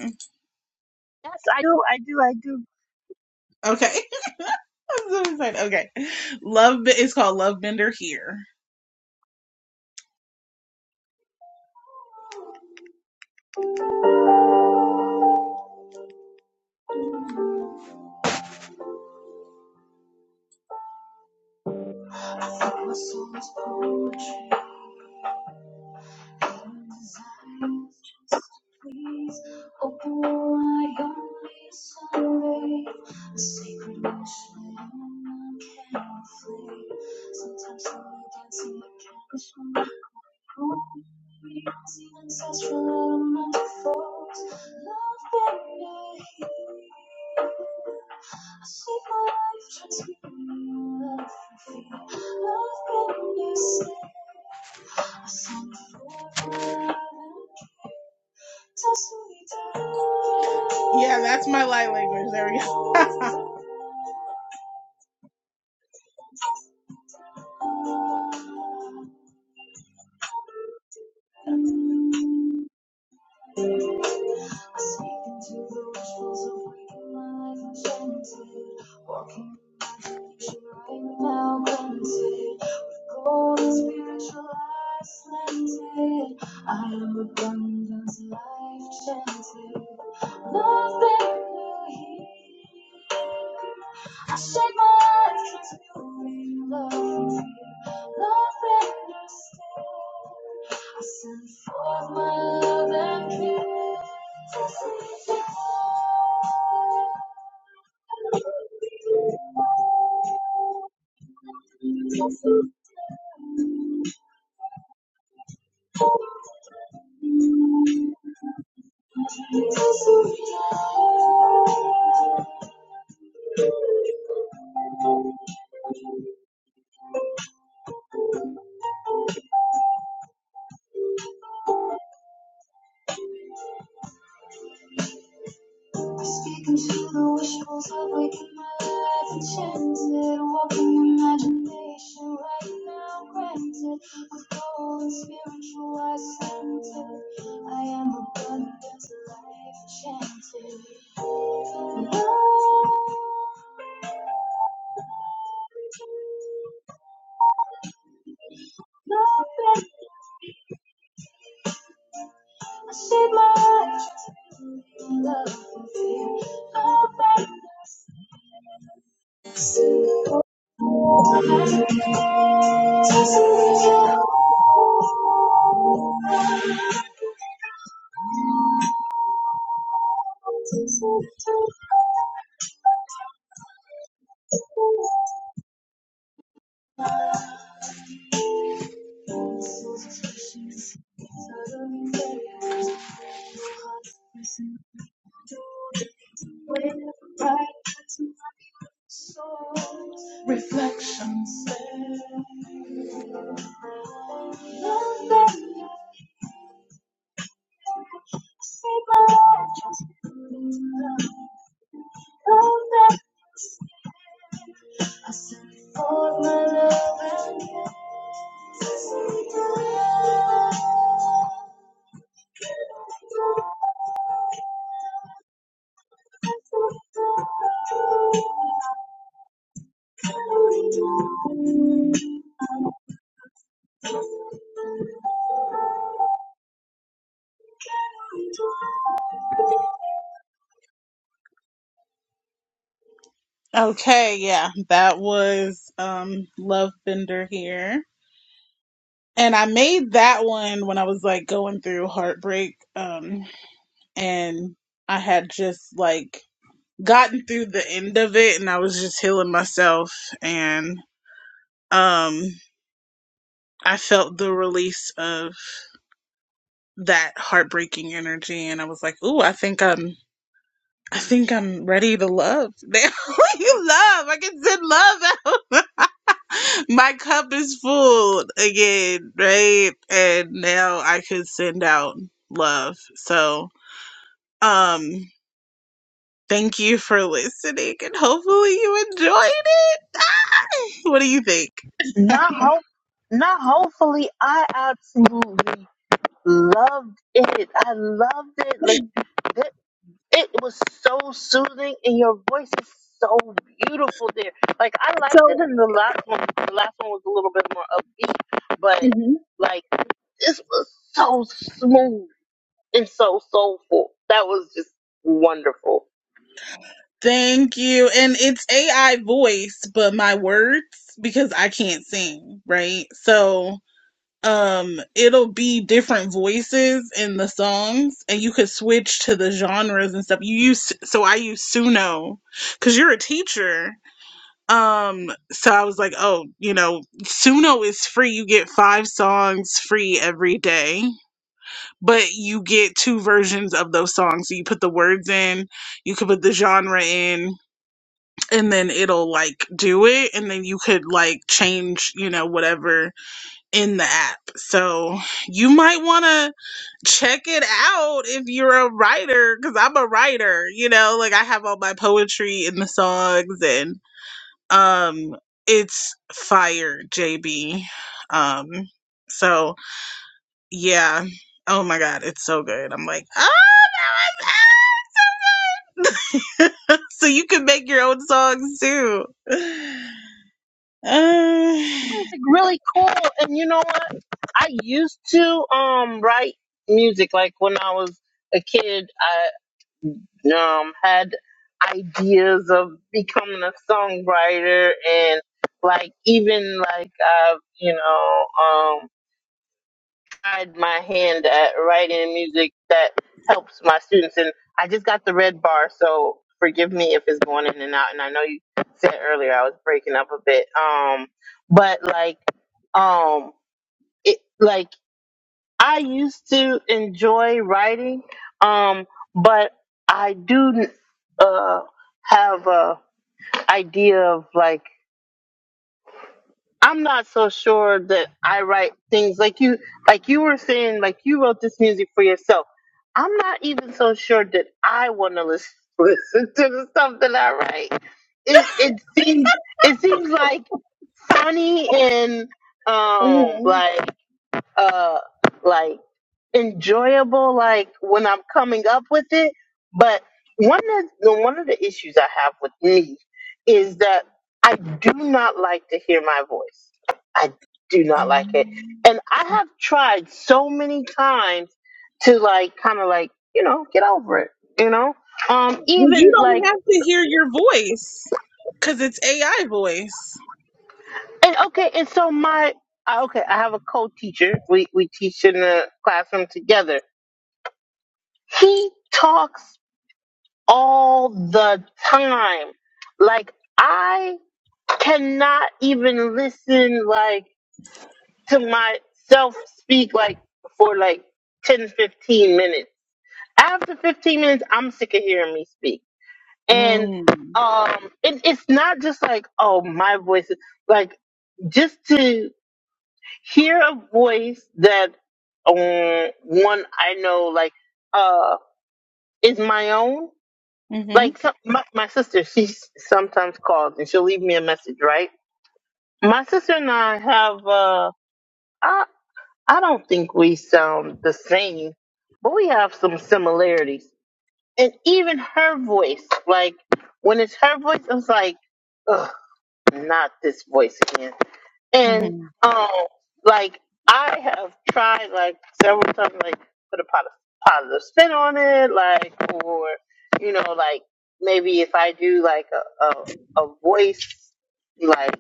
Speaker 3: Okay, I'm so excited. Okay, Love Be- it's called Love Bender here. Yeah, that's my light language. There we go. okay, yeah, that was um Love Bender here. And I made that one when I was like going through heartbreak. Um and I had just like gotten through the end of it and I was just healing myself and um I felt the release of that heartbreaking energy and I was like, ooh, I think I'm I think I'm ready to love. They you love. I can send love out. My cup is full again, right? And now I could send out love. So, um, thank you for listening and hopefully you enjoyed it. Ah! What do you think?
Speaker 1: Not hope, not hopefully. I absolutely loved it. I loved it. Like, th- It was so soothing, and your voice is so beautiful there. Like I
Speaker 3: So
Speaker 1: liked it, in the last one, the last one was a little bit more upbeat, but like this was so smooth and so soulful. That was just wonderful.
Speaker 3: thank you. And it's AI voice, but my words because I can't sing, right? So um it'll be different voices in the songs and you could switch to the genres and stuff you use so i use suno because you're a teacher um so i was like oh you know suno is free you get five songs free every day but you get two versions of those songs so you put the words in you could put the genre in and then it'll like do it and then you could like change you know whatever in the app. So you might want to check it out if you're a writer, because I'm a writer, you know, like I have all my poetry in the songs and um it's fire, JB. Um so yeah. Oh my god, it's so good. I'm like, oh no, it's out. so you can make your own songs too. Uh,
Speaker 1: It was like really cool, and you know what? I used to um write music like when I was a kid. um, had ideas of becoming a songwriter and like even like I've you know um, tried my hand at writing music that helps my students and I just got the red bar so forgive me if it's going in and out and I know you said earlier I was breaking up a bit um but like um it like I used to enjoy writing, um, but I do uh, have a idea of like I'm not so sure that I write things like you like you were saying like you wrote this music for yourself. I'm not even so sure that I want to listen, listen to the stuff that I write. It it seems it seems like funny and um
Speaker 3: okay.
Speaker 1: like uh like enjoyable like when I'm coming up with it. But one of the one of the issues I have with me is that I do not like to hear my voice. I do not like
Speaker 3: um,
Speaker 1: it. And I have tried so many times to like kind of like, you know, get over it, you know? Um
Speaker 3: You
Speaker 1: even like
Speaker 3: don't have to hear your voice because it's AI voice.
Speaker 1: and okay, and so my I- okay, I have a co-teacher. We we teach in the classroom together. He talks all the time. Like I cannot even listen like to myself speak like for like 10, 15 minutes. After 15 minutes I'm sick of hearing me speak. And
Speaker 3: Mm.
Speaker 1: um it, it's not just like oh my voice is like just to hear a voice that um one I know like uh is my own
Speaker 3: hmm
Speaker 1: Like some, my, my sister, she sometimes calls and she'll leave me a message, right? My sister and I have, uh, I, I don't think we sound the same, but we have some similarities. And even her voice, like when it's her voice, it's like, ugh not this voice again. And
Speaker 3: hmm
Speaker 1: um, like I have tried like several times, like put a positive positive spin on it, like or you know, like maybe if I do like a a, a voice like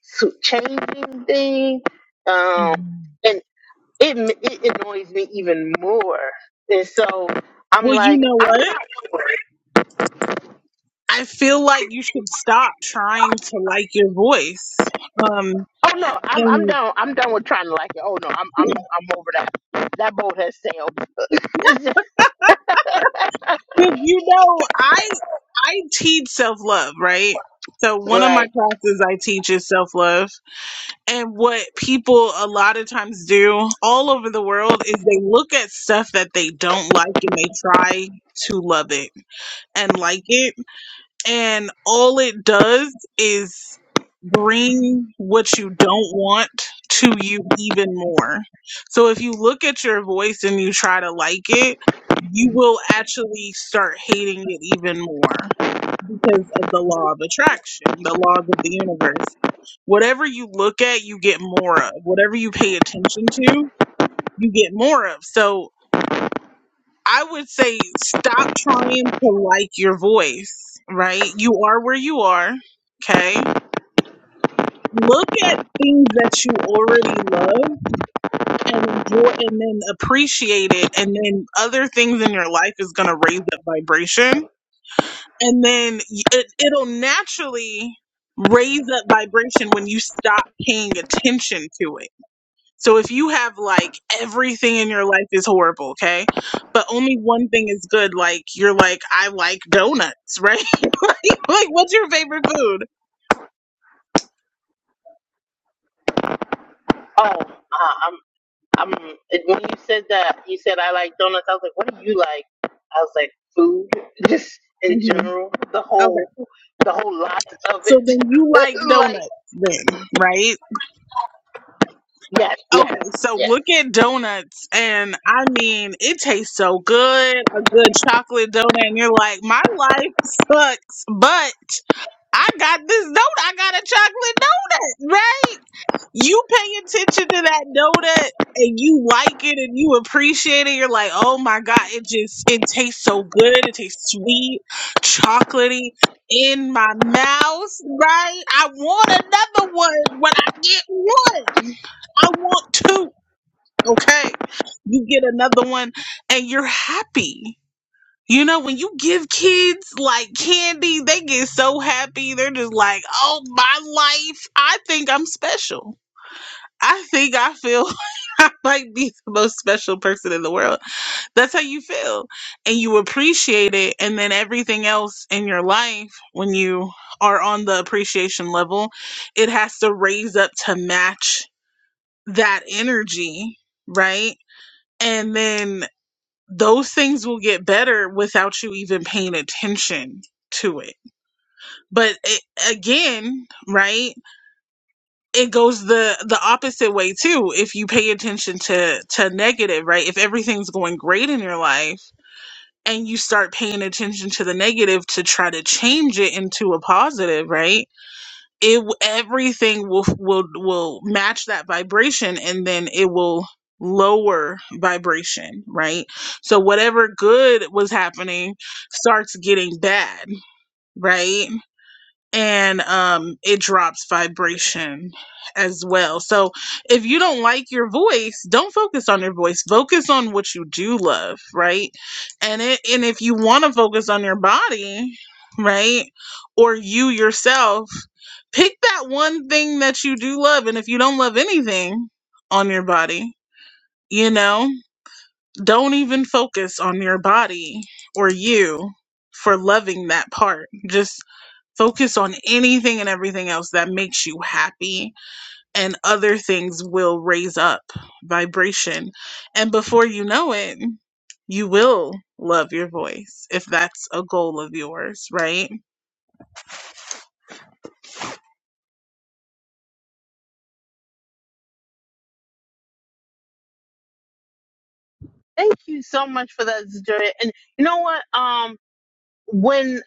Speaker 1: su- changing thing, um,
Speaker 3: hmm
Speaker 1: and it m- it annoys me even more, and so I'm
Speaker 3: Well, you
Speaker 1: like,
Speaker 3: know
Speaker 1: I'm not.
Speaker 3: what? I feel like you should stop trying to like your voice. Um,
Speaker 1: Oh no, I'm I'm
Speaker 3: and
Speaker 1: done. I'm done with trying to like it. Oh no, I'm I'm I'm over that. That boat has sailed. It's just
Speaker 3: because you know, I I teach self love, right? So one of my
Speaker 1: Right.
Speaker 3: classes I teach is self love, And what people a lot of times do all over the world is they look at stuff that they don't like and they try to love it and like it. And all it does is bring what you don't want to you even more. So if you look at your voice and you try to like it, you will actually start hating it even more because of the law of attraction, the laws of the universe. Whatever you look at, you get more of. Whatever you pay attention to, you get more of. So I would say stop trying to like your voice, right? You are where you are, okay? Look at things that you already love and enjoy and then appreciate it. And then other things in your life is going to raise that vibration and then it, it'll naturally raise up vibration when you stop paying attention to it. So if you have like everything in your life is horrible, okay, but only one thing is good, like you're like I like donuts, right? like, like what's your favorite food?
Speaker 1: Oh, uh, I'm. I'm. When you said that, you said I like donuts. I was like, what do you like? I was like, food, just in
Speaker 3: hmm
Speaker 1: general, the
Speaker 3: Okay,
Speaker 1: whole, the whole lot of
Speaker 3: so
Speaker 1: it.
Speaker 3: then you like
Speaker 1: like,
Speaker 3: donuts, then right?
Speaker 1: yes, yes,
Speaker 3: Okay, so
Speaker 1: yes.
Speaker 3: look at donuts, and I mean, it tastes so good a good chocolate donut, and you're like, my life sucks, but I got this donut, I got a chocolate donut, right? You pay attention to that donut and you like it and you appreciate it. You're like, oh my God, it just, it tastes so good. It tastes sweet, chocolatey in my mouth, right? I want another one when I get one. I want two. Okay. You get another one and you're happy. You know, when you give kids like candy, they get so happy. They're just like, oh, my life. I think I'm special. I think I feel I might be the most special person in the world. That's how you feel. And you appreciate it. And then everything else in your life, when you are on the appreciation level, it has to raise up to match that energy, right? And then those things will get better without you even paying attention to it but it, again right it goes the the opposite way too if you pay attention to to negative right if everything's going great in your life and you start paying attention to the negative to try to change it into a positive right it everything will will will match that vibration and then it will lower vibration right so whatever good was happening starts getting bad right and um, it drops vibration as well. So if you don't like your voice, don't focus on your voice. Focus on what you do love, right? And it and if you want to focus on your body, right, or you yourself, pick that one thing that you do love. And if you don't love anything on your body, you know, don't even focus on your body or you for loving that part. Just. Focus on anything and everything else that makes you happy, and other things will raise up vibration. And before you know it, you will love your voice if that's a goal of yours, right?
Speaker 1: Thank you so much for that, Zajaria. And you know what? Um, when.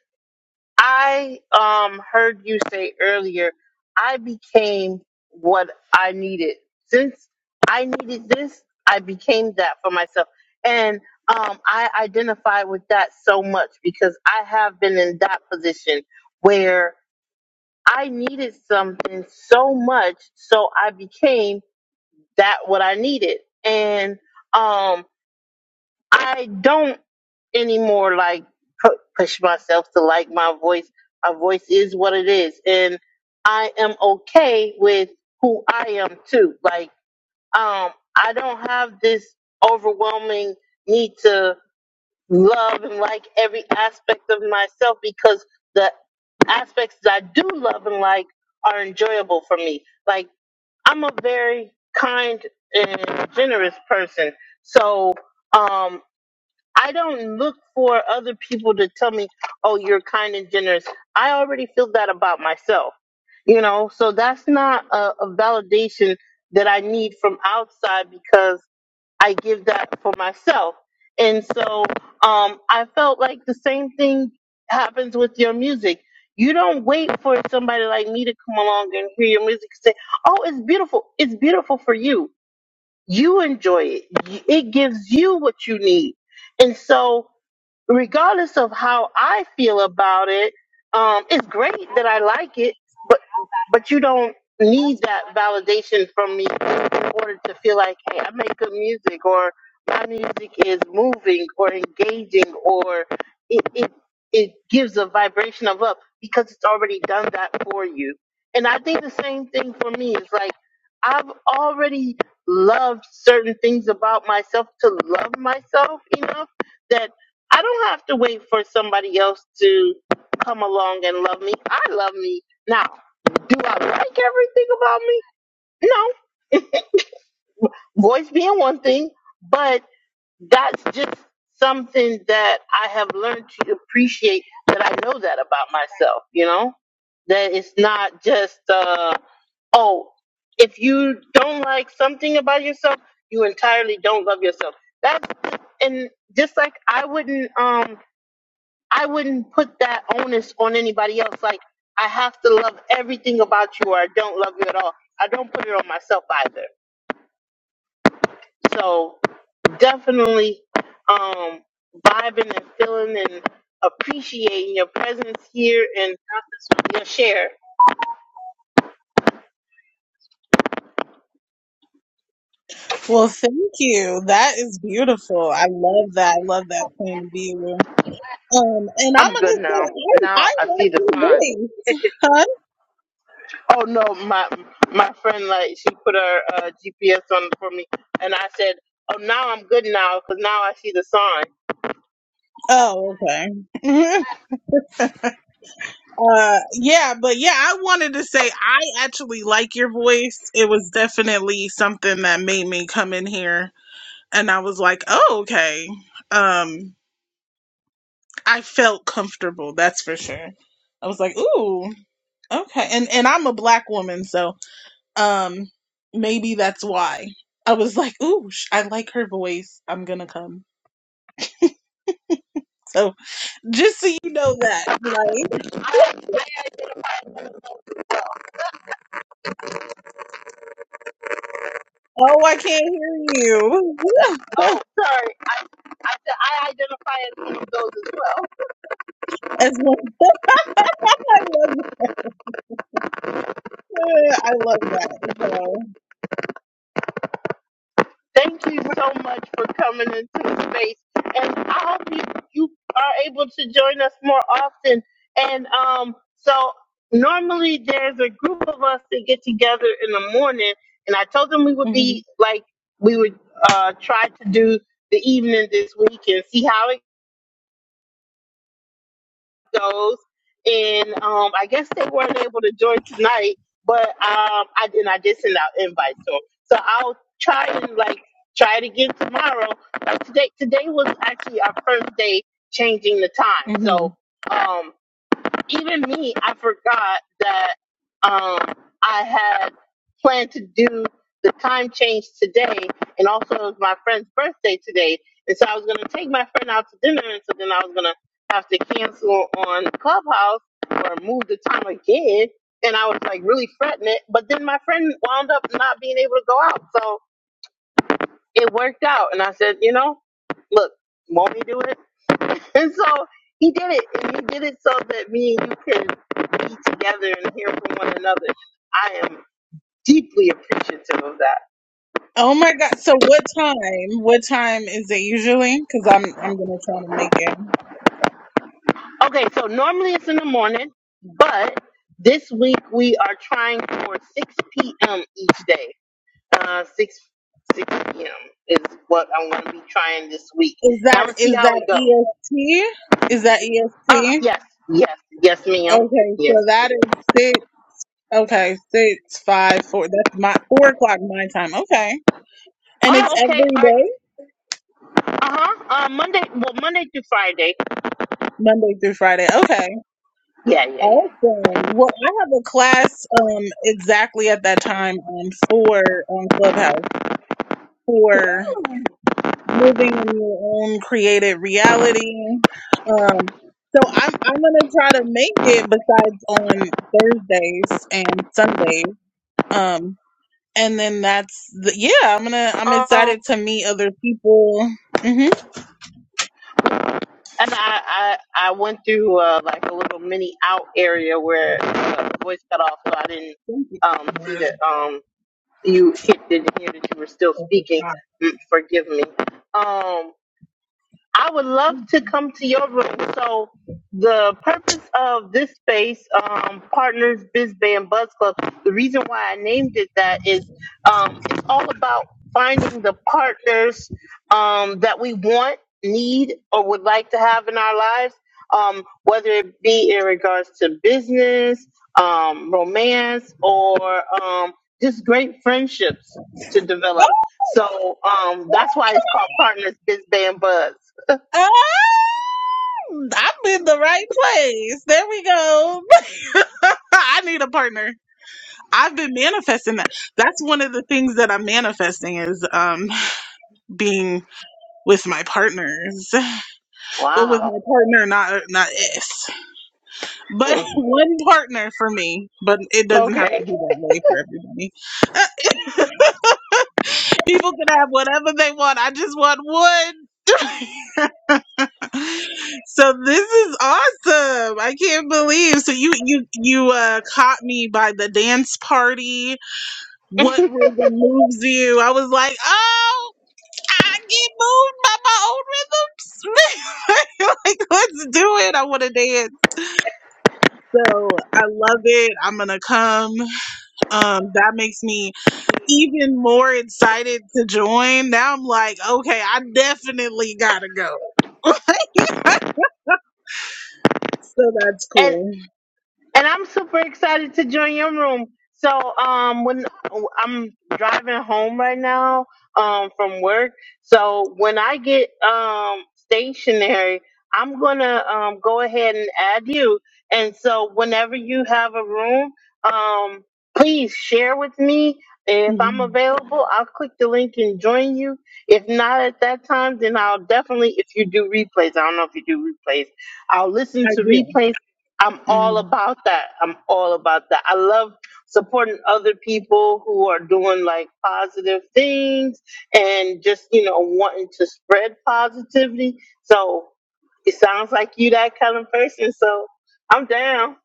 Speaker 1: I um heard you say earlier, I became what I needed. Since I needed this, I became that for myself. And um I identify with that so much because I have been in that position where I needed something so much so I became that what I needed. And um I don't anymore like pu- push myself to like my voice. My voice is what it is, and I am okay with who I am too. Like, um, I don't have this overwhelming need to love and like every aspect of myself because the aspects that I do love and like are enjoyable for me. Like, I'm a very kind and generous person, so. um I don't look for other people to tell me, oh, you're kind and generous. I already feel that about myself, you know? So that's not a, a validation that I need from outside because I give that for myself. And so um, I felt like the same thing happens with your music. You don't wait for somebody like me to come along and hear your music and say, oh, it's beautiful. It's beautiful for you you enjoy it. Y- It gives you what you need. And so, regardless of how I feel about it, um, it's great that I like it, but but you don't need that validation from me in order to feel like, hey, I make good music or my music is moving or engaging or it it, it gives a vibration of up because it's already done that for you. And I think the same thing for me is like I've already loved certain things about myself to love myself enough that I don't have to wait for somebody else to come along and love me. I love me. Now, do I like everything about me? No. Voice being one thing, but that's just something that I have learned to appreciate that I know that about myself, you know? That it's not just uh oh, if you don't like something about yourself, you entirely don't love yourself. That's and just like I wouldn't um I wouldn't put that onus on anybody else. Like I have to love everything about you or I don't love you at all. I don't put it on myself either. So definitely um vibing and feeling and appreciating your presence here and your share.
Speaker 3: Well, thank you. That is beautiful. I love that. I love that point of view. Um, and I'm
Speaker 1: I'm good
Speaker 3: gonna
Speaker 1: now.
Speaker 3: say I,
Speaker 1: Now
Speaker 3: I
Speaker 1: I see
Speaker 3: like
Speaker 1: the
Speaker 3: your
Speaker 1: sign.
Speaker 3: voice, huh?
Speaker 1: Oh no, my my friend like she put her uh, GPS on for me, and I said, "Oh, now I'm good now because now I see the sign."
Speaker 3: Oh, okay. uh, yeah, but yeah, I wanted to say I actually like your voice. It was definitely something that made me come in here, and I was like, oh, okay. Um, I felt comfortable. That's for sure. I was like, ooh, okay. And and I'm a black woman, so um, maybe that's why. I was like, ooh, sh- I like her voice. I'm gonna come. So. Just so you know that. Like, oh, I can't hear you.
Speaker 1: Oh, sorry, I, said I identify as one of those as well.
Speaker 3: As one, I love, I love that. So,
Speaker 1: Thank you so much for coming into the space, and I hope you, you are able to join us more often. And um, so normally there's a group of us that get together in the morning, and I told them we would
Speaker 3: mhm,
Speaker 1: be like we would uh, try to do the evening this week and see how it goes, and um, I guess they weren't able to join tonight, but um, I and I did send out invites to 'em. so I'll try and like try it again tomorrow. Like today, today was actually our first day changing the time,
Speaker 3: mhm.
Speaker 1: so. um, even me, I forgot that um, I had planned to do the time change today, and also it was my friend's birthday today, and so I was gonna take my friend out to dinner, and so then I was gonna have to cancel on Clubhouse or move the time again, and I was like really fretting it, but then my friend wound up not being able to go out, so it worked out, and I said, you know, look, won't we do it? And so he did it. And he did it so that me and you can be together and hear from one another. I am deeply appreciative of that.
Speaker 3: oh my God. So, what time? What time is it usually? Because I'm, I'm gonna try to make it.
Speaker 1: Okay, so normally it's in the morning, but this week we are trying for 6 p.m. each day. Uh, 6 6 p.m. is what I'm going to be trying this week.
Speaker 3: Is
Speaker 1: And I'm
Speaker 3: that,
Speaker 1: going to see
Speaker 3: is
Speaker 1: how it goes.
Speaker 3: that EST? Is that
Speaker 1: Uh,
Speaker 3: EST?
Speaker 1: yes, yes, yes, ma'am.
Speaker 3: Okay, so
Speaker 1: Yes. ma'am.
Speaker 3: that is six. Okay, six, five, four. That's my four o'clock my time. Okay, and it's
Speaker 1: Oh, okay.
Speaker 3: every
Speaker 1: All right.
Speaker 3: day,
Speaker 1: Uh-huh. Uh, Monday, well, Monday through Friday.
Speaker 3: Monday through Friday. Okay.
Speaker 1: Yeah, yeah, yeah.
Speaker 3: Awesome. Well, I have a class um exactly at that time on for on Clubhouse for living in your own created reality. Um so I'm I'm gonna try to make it besides on Thursdays and Sundays. Um and then that's the, yeah, I'm gonna I'm
Speaker 1: Um,
Speaker 3: excited to meet other people. hmm
Speaker 1: and I, I, I went through uh, like a little mini out area where uh, the voice cut off, so I didn't um, see that um, you hit, didn't hear that you were still speaking. Mm, Forgive me. Um, I would love to come to your room. So the purpose of this space, um, Partners Biz Band Buzz Club, the reason why I named it that is um, it's all about finding the partners um, that we want, need, or would like to have in our lives, um, whether it be in regards to business, um, romance, or um, just great friendships to develop. So um, that's why it's called Partners Biz Band Buzz.
Speaker 3: I'm in the right place. There we go. I need a partner. I've been manifesting that. That's one of the things that I'm manifesting is um being with my partners. Well, with
Speaker 1: Wow.
Speaker 3: my partner, not not us, but
Speaker 1: Mm.
Speaker 3: one partner for me. But it doesn't have to
Speaker 1: Okay.
Speaker 3: be that way for everybody. People can have whatever they want. I just want one. so this is awesome. I can't believe. So you you you uh caught me by the dance party. What rhythm moves you? I was like, "Oh, I get moved by my own rhythms. like, let's do it. I want to dance. So I love it. I'm gonna come. Um, that makes me even more excited to join. Now I'm like, okay, I definitely gotta go. So that's
Speaker 1: And
Speaker 3: cool.
Speaker 1: And I'm super excited to join your room. So um when I'm driving home right now um from work, so when I get um stationary, I'm going to um go ahead and add you. And so whenever you have a room, um please share with me. If I'm
Speaker 3: Mhm.
Speaker 1: available, I'll click the link and join you. If not at that time, then I'll definitely if you do replays, I don't know if you do replays. I'll listen
Speaker 3: I
Speaker 1: to
Speaker 3: do.
Speaker 1: replays I'm all
Speaker 3: Mhm.
Speaker 1: about that. I'm all about that. I love supporting other people who are doing like positive things and just, you know, wanting to spread positivity. So it sounds like you that kind of person. So I'm down.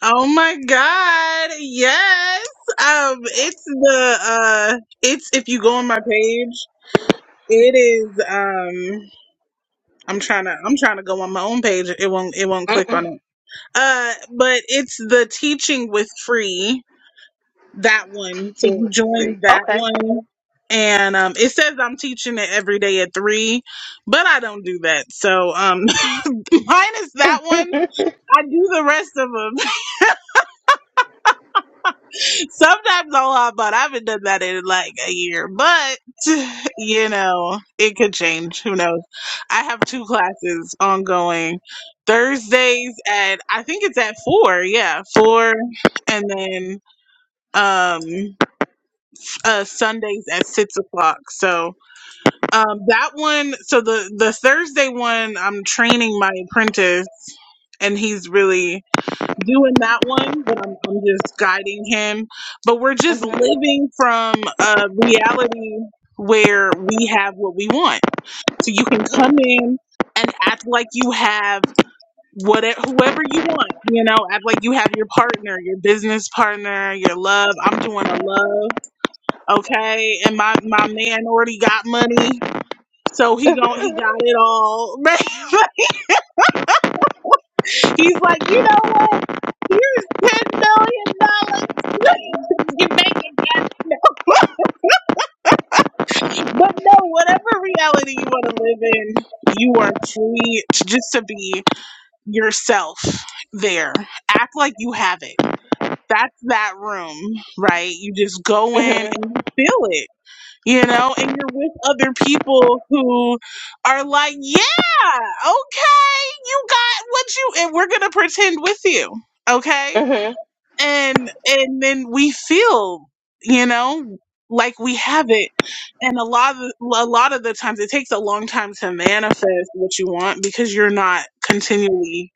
Speaker 3: Oh my god, yes. Um, it's the uh, it's if you go on my page, it is um. I'm trying to I'm trying to go on my own page. It won't it won't click on it. Uh but it's the teaching with free, that one. So you
Speaker 1: Mm-mm.
Speaker 3: join that
Speaker 1: Okay.
Speaker 3: one and um it says I'm teaching it every day at 3, but I don't do that. So um minus that one,
Speaker 1: hmm
Speaker 3: I do the rest of them. Sometimes I'll hop, but I haven't done that in like a year. But you know, it could change. Who knows? I have two classes ongoing. Thursdays at I think it's at four, yeah, four, and then um uh Sundays at six o'clock. So um that one so the the Thursday one I'm training my apprentice and he's really doing that one, but I'm I'm just guiding him. But we're just living from a reality where we have what we want. So you can come in and act like you have what whoever you want, you know, act like you have your partner, your business partner, your love. I'm doing a love, okay? And my my man already got money. So he gon' he got it all. He's like, you know what? Here's ten million dollars. you make it happen. But no, whatever reality you want to live in, you are free to just to be yourself there. Act like you have it. That's that room, right? You just go
Speaker 1: hmm
Speaker 3: in and you feel it, you know, and you're with other people who are like, yeah, okay, you got what you, and we're going to pretend with you, okay?
Speaker 1: hmm
Speaker 3: and and then we feel you know like we have it and a lot of a lot of the times it takes a long time to manifest what you want because you're not continually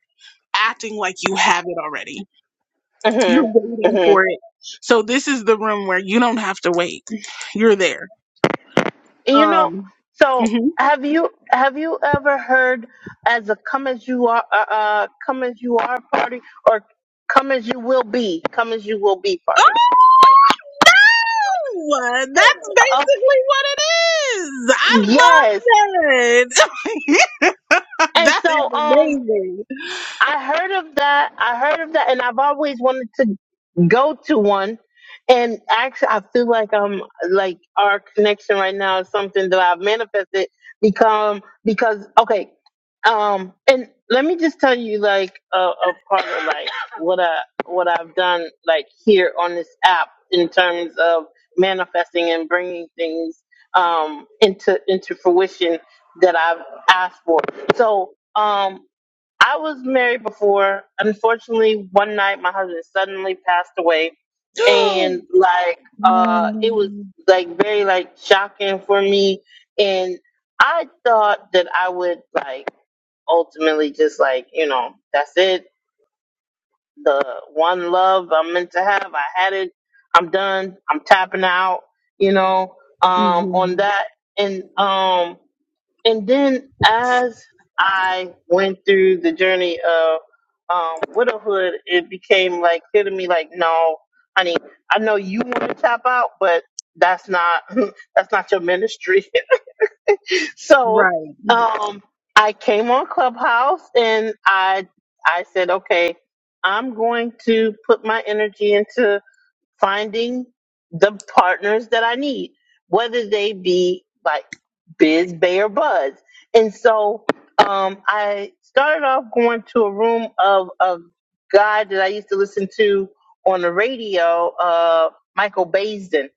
Speaker 3: acting like you have it already you're
Speaker 1: hmm
Speaker 3: waiting
Speaker 1: hmm
Speaker 3: for it so this is the room where you don't have to wait you're there
Speaker 1: You know,
Speaker 3: um
Speaker 1: so
Speaker 3: mhm.
Speaker 1: have you have you ever heard as a come as you are uh, uh come as you are party or come as you will be come as you will be
Speaker 3: oh
Speaker 1: party?
Speaker 3: uh, that's
Speaker 1: Okay,
Speaker 3: basically what it is i love
Speaker 1: yes.
Speaker 3: that
Speaker 1: And
Speaker 3: that
Speaker 1: so um
Speaker 3: is
Speaker 1: I heard of that. I heard of that, and I've always wanted to go to one. And actually, I feel like um, like our connection right now is something that I've manifested become because okay, um, and let me just tell you like a, a part of like what I what I've done like here on this app in terms of manifesting and bringing things um into into fruition that I've asked for. So um I was married before. Unfortunately, one night my husband suddenly passed away,
Speaker 3: amazing
Speaker 1: and like
Speaker 3: Oh,
Speaker 1: uh, it was
Speaker 3: no.
Speaker 1: like very like shocking for me. And I thought that I would like ultimately just like you know that's it, the one love I'm meant to have. I had it. I'm done. I'm tapping out. You know, um,
Speaker 3: hmm
Speaker 1: on that and um and then as I went through the journey of um, widowhood, it became like clear to me, like, no, honey, I know you want to tap out, but that's not that's not your ministry. so
Speaker 3: Right.
Speaker 1: um, I came on Clubhouse and I I said, okay, I'm going to put my energy into finding the partners that I need, whether they be like Biz, Bay, or Buzz. And so um, I started off going to a room of a guy that I used to listen to on the radio, uh, Michael Basin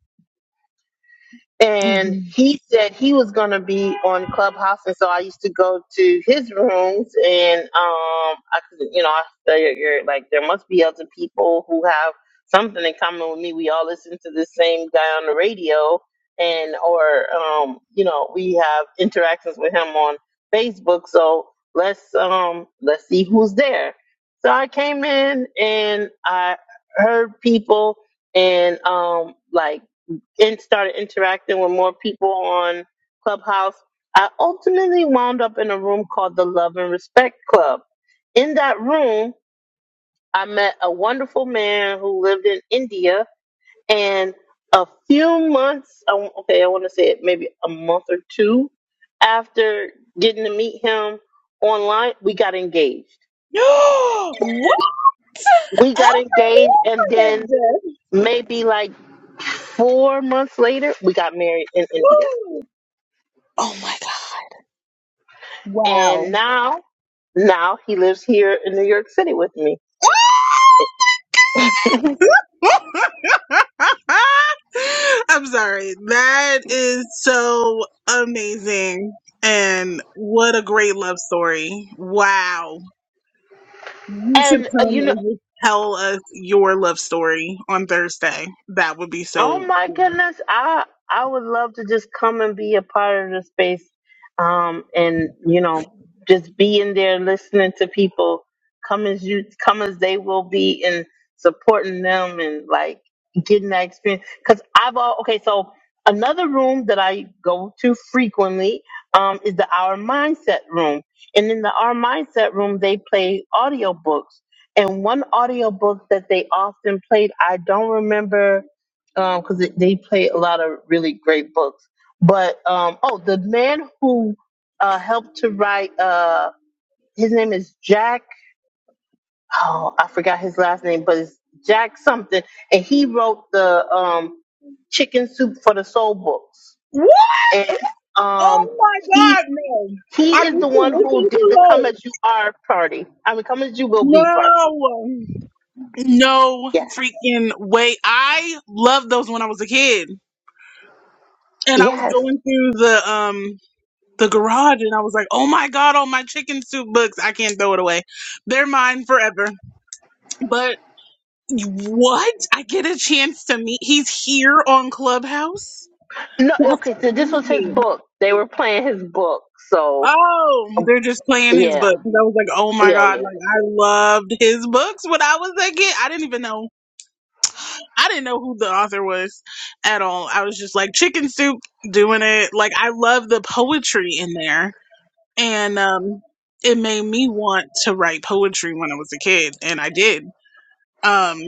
Speaker 1: and
Speaker 3: hmm
Speaker 1: he said he was going to be on Clubhouse, and so I used to go to his rooms, and um, I could, you know, I figured you're- like there must be other people who have something in common with me. We all listen to the same guy on the radio, and or um, you know, we have interactions with him on Facebook. So let's um, let's see who's there. So I came in and I heard people and um like and started interacting with more people on Clubhouse, I ultimately wound up in a room called the Love and Respect Club. In that room, I met a wonderful man who lived in India, and a few months, I w- okay, I want to say it maybe a month or two after getting to meet him online, we got engaged.
Speaker 3: what
Speaker 1: We
Speaker 3: ever
Speaker 1: got engaged, and then
Speaker 3: is this?
Speaker 1: maybe like four months later, we got married in India.
Speaker 3: Woo! Oh my god. Wow.
Speaker 1: and now now he lives here in New York City with me.
Speaker 3: I'm sorry. That is so amazing. And what a great love story. Wow. You should
Speaker 1: And uh,
Speaker 3: come
Speaker 1: you know,
Speaker 3: and just tell us your love story on Thursday. That would be
Speaker 1: Oh
Speaker 3: so
Speaker 1: my goodness. I I would love to just come and be a part of the space um and you know just be in there listening to people come as you come as they will be and supporting them and like getting that experience cuz I've all okay so another room that I go to frequently um is the Our Mindset room and in the Our Mindset room they play audiobooks and one audiobook that they often played I don't remember because it they play a lot of really great books. But um, oh, the man who uh, helped to write uh, his name is Jack. Oh, I forgot his last name, but it's Jack something, and he wrote the um, Chicken Soup for the Soul books,
Speaker 3: cool.
Speaker 1: and um,
Speaker 3: Oh my
Speaker 1: he
Speaker 3: God, no.
Speaker 1: he
Speaker 3: Are
Speaker 1: is
Speaker 3: you
Speaker 1: the
Speaker 3: listening
Speaker 1: one who did the Come as You Are party. I mean, Come as You Will Be party.
Speaker 3: to those. No. No
Speaker 1: Yes,
Speaker 3: freaking way. I loved those when I was a kid. And I was
Speaker 1: yes.
Speaker 3: going through the um the garage and I was like, oh my God, all my chicken soup books. I can't throw it away. They're mine forever. But what? I get a chance to meet he's here on Clubhouse?
Speaker 1: No,
Speaker 3: That's
Speaker 1: okay. So this was his
Speaker 3: crazy.
Speaker 1: book. They were playing his book, so
Speaker 3: Oh, they're just playing his
Speaker 1: yeah.
Speaker 3: book. 'Cause I was like, oh my
Speaker 1: Yeah,
Speaker 3: god,
Speaker 1: yeah.
Speaker 3: like I loved his books when I was a kid. I didn't even know. I didn't know who the author was at all. I was just like chicken soup doing it. Like I love the poetry in there, and um, it made me want to write poetry when I was a kid, and I did. Um,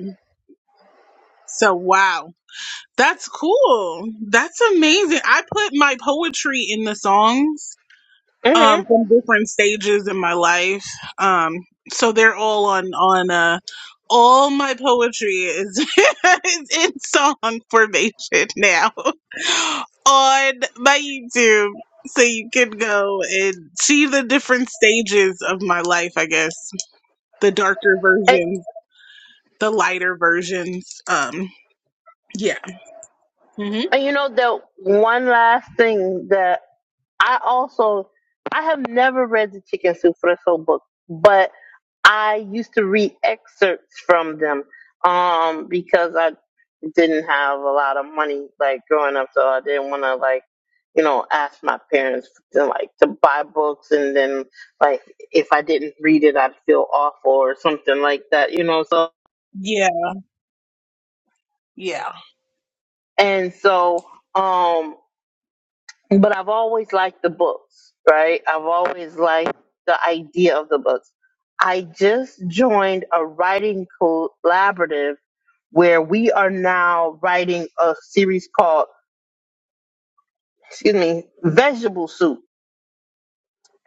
Speaker 3: so wow, that's cool. That's amazing. I put my poetry in the songs um
Speaker 1: hmm
Speaker 3: from different stages in my life um so they're all on on uh all my poetry is, is in song formation now on my youtube so you can go and see the different stages of my life i guess the darker
Speaker 1: And,
Speaker 3: versions the lighter versions um yeah hmm
Speaker 1: and you know that one last thing that I also I have never read the Chicken Soup for the Soul book, but I used to read excerpts from them um because I didn't have a lot of money like growing up, so I didn't want to like you know ask my parents to like to buy books and then like if I didn't read it I'd feel awful or something like that, you know. So
Speaker 3: yeah yeah
Speaker 1: and so um but I've always liked the books, right? I've always liked the idea of the books. I just joined a writing collaborative where we are now writing a series called, excuse me, Vegetable Soup.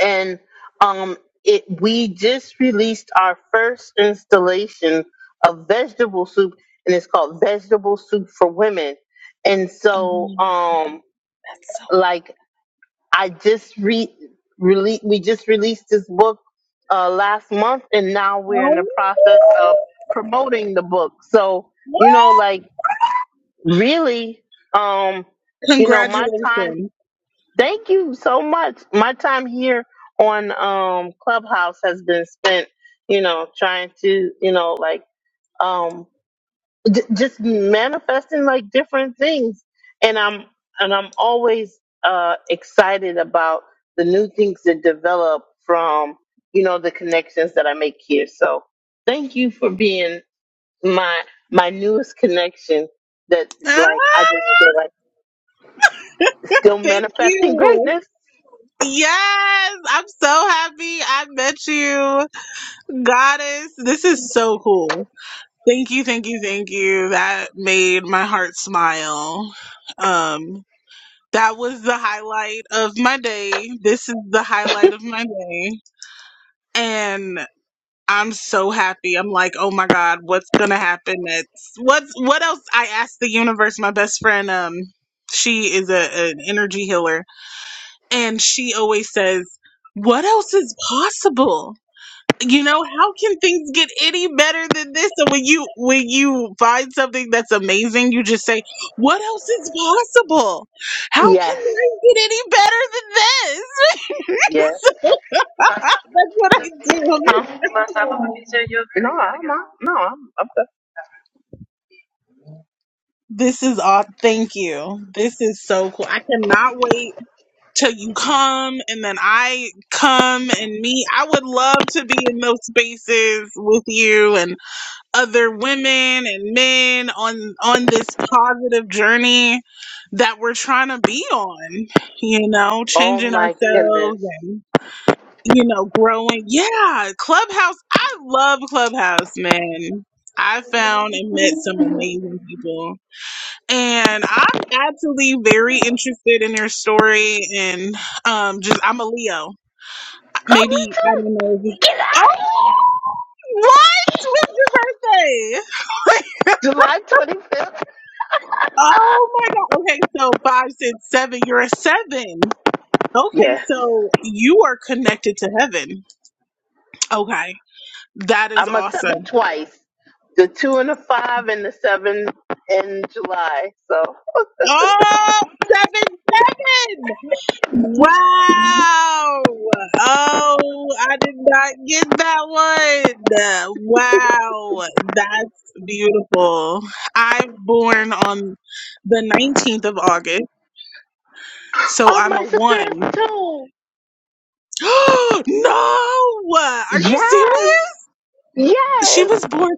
Speaker 1: And um it we just released our first installation of vegetable soup and it's called Vegetable Soup for Women. And so um
Speaker 3: That's so
Speaker 1: like I just re rele we just released this book uh, last month, and now we're in the
Speaker 3: oh,
Speaker 1: process of promoting the book. So
Speaker 3: what?
Speaker 1: you know, like really, um, you know, my time.
Speaker 3: congratulations
Speaker 1: Thank you so much. My time here on um, Clubhouse has been spent, you know, trying to, you know, like. um, J- just manifesting like different things and i'm and i'm always uh excited about the new things that develop from you know the connections that i make here so thank you for being my my newest connection that like i just feel like still
Speaker 3: Thank
Speaker 1: manifesting
Speaker 3: you.
Speaker 1: greatness
Speaker 3: Yes, I'm so happy I met you, goddess. This is so cool. Thank you, thank you, thank you. That made my heart smile. Um, that was the highlight of my day. This is the highlight of my day. And I'm so happy. I'm like, oh my God, what's gonna happen next? What's what else? I asked the universe, my best friend, um, she is a, an energy healer And she always says, What else is possible? You know, how can things get any better than this? And when you when you find something that's amazing, you just say, What else is possible? How can
Speaker 1: yes
Speaker 3: life get any better than this?
Speaker 1: yes
Speaker 3: So that's what I do.
Speaker 1: huh? no i'm not no i'm I'm good.
Speaker 3: This is all thank you. This is so cool. I cannot wait till you come and then I come and meet. I would love to be in those spaces with you and other women and men on on this positive journey that we're trying to be on you know
Speaker 1: oh
Speaker 3: changing
Speaker 1: my
Speaker 3: ourselves
Speaker 1: goodness
Speaker 3: and you know growing yeah clubhouse i love clubhouse man i found and met some amazing people and i'm absolutely very interested in your story and um just i'm a leo
Speaker 1: oh
Speaker 3: maybe i
Speaker 1: me
Speaker 3: don't
Speaker 1: too
Speaker 3: know if- oh what when's your birthday
Speaker 1: july 25th
Speaker 3: Oh my God. Okay, so five, six, seven, you're a seven. Okay,
Speaker 1: yes
Speaker 3: so you are connected to heaven. Okay, that is
Speaker 1: I'm a seven
Speaker 3: awesome.
Speaker 1: twice. The two and the five and the seven in July. So
Speaker 3: Oh, seven, seven. Wow. Oh, I did not get that one. Wow, that's beautiful. I'm born on the 19th of August, so
Speaker 1: Oh
Speaker 3: I'm
Speaker 1: my
Speaker 3: a
Speaker 1: sister is
Speaker 3: one.
Speaker 1: two.
Speaker 3: no, are you serious?
Speaker 1: Yes.
Speaker 3: She
Speaker 1: Yes.
Speaker 3: was born.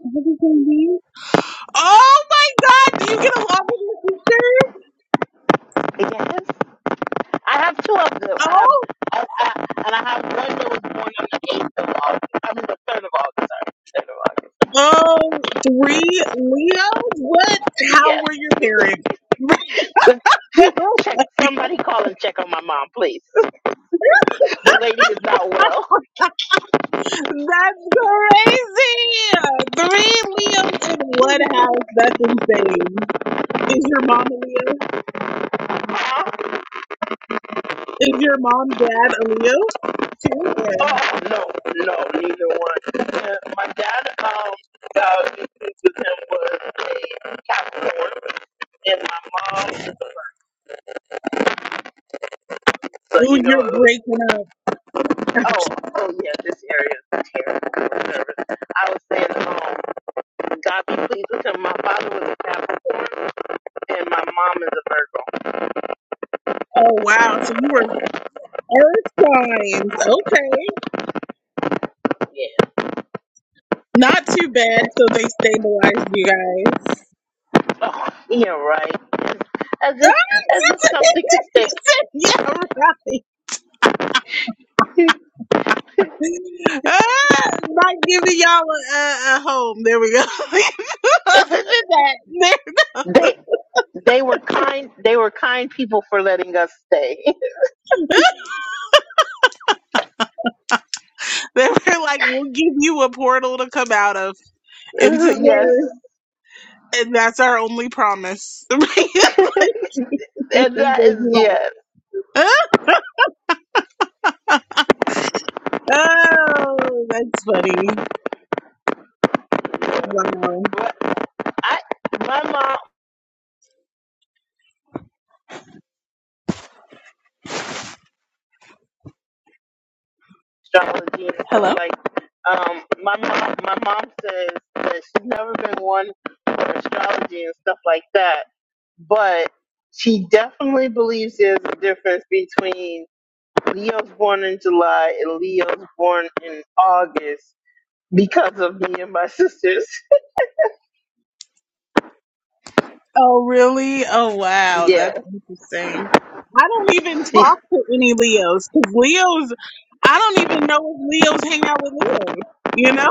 Speaker 3: Oh my god, do you get along with your sister?
Speaker 1: Yes. I have two of them. I have
Speaker 3: Oh,
Speaker 1: I, I, and I have one that was born on the eighth of August. I mean the third of August, sorry. Third of August.
Speaker 3: oh, three Leos? What? How
Speaker 1: Yes.
Speaker 3: were your parents?
Speaker 1: Let's
Speaker 3: That's
Speaker 1: check somebody call and check on my mom, please. The lady is not well.
Speaker 3: crazy! Three Leos in one house. That's insane. Is your mom a Leo? Is your mom, dad a Leo too? Or,
Speaker 1: Oh no, no, neither one. Uh, my dad, um, uh, with him was a Capricorn, and my mom. So
Speaker 3: ooh,
Speaker 1: you know,
Speaker 3: you're
Speaker 1: it was,
Speaker 3: breaking up.
Speaker 1: oh, oh yeah, this area is terrible. I'm nervous. I was saying, um, God be pleased with him. My father was a Capricorn, and my mom is a Virgo.
Speaker 3: Oh wow, so you were earth signs. Okay.
Speaker 1: Yeah.
Speaker 3: Not too bad. So they stabilized you guys.
Speaker 1: Oh, yeah, right. As if,
Speaker 3: Ah,
Speaker 1: as if something could
Speaker 3: you
Speaker 1: stay.
Speaker 3: said, yeah, right. Ah, not giving y'all a, a, a home. There we go. Other than that,
Speaker 1: they, they were kind. They were kind people for letting us stay.
Speaker 3: they, were like, we'll give you a portal to come out of into the earth,
Speaker 1: yes.
Speaker 3: and that's our only promise. Like,
Speaker 1: and
Speaker 3: we
Speaker 1: that
Speaker 3: gave
Speaker 1: is
Speaker 3: you
Speaker 1: yeah.
Speaker 3: life. Oh, that's funny. Wow.
Speaker 1: But I my mom astrology and
Speaker 3: Hello.
Speaker 1: stuff like um my mom my mom says that she's never been one for astrology and stuff like that, but she definitely believes there's a difference between Leo's born in July and Leo's born in August because of me and my sisters.
Speaker 3: Oh, really? Oh, wow.
Speaker 1: Yeah,
Speaker 3: That's interesting. I don't even
Speaker 1: she
Speaker 3: talk to any Leos because Leos, I don't even know if Leos hang out with Leos, you know?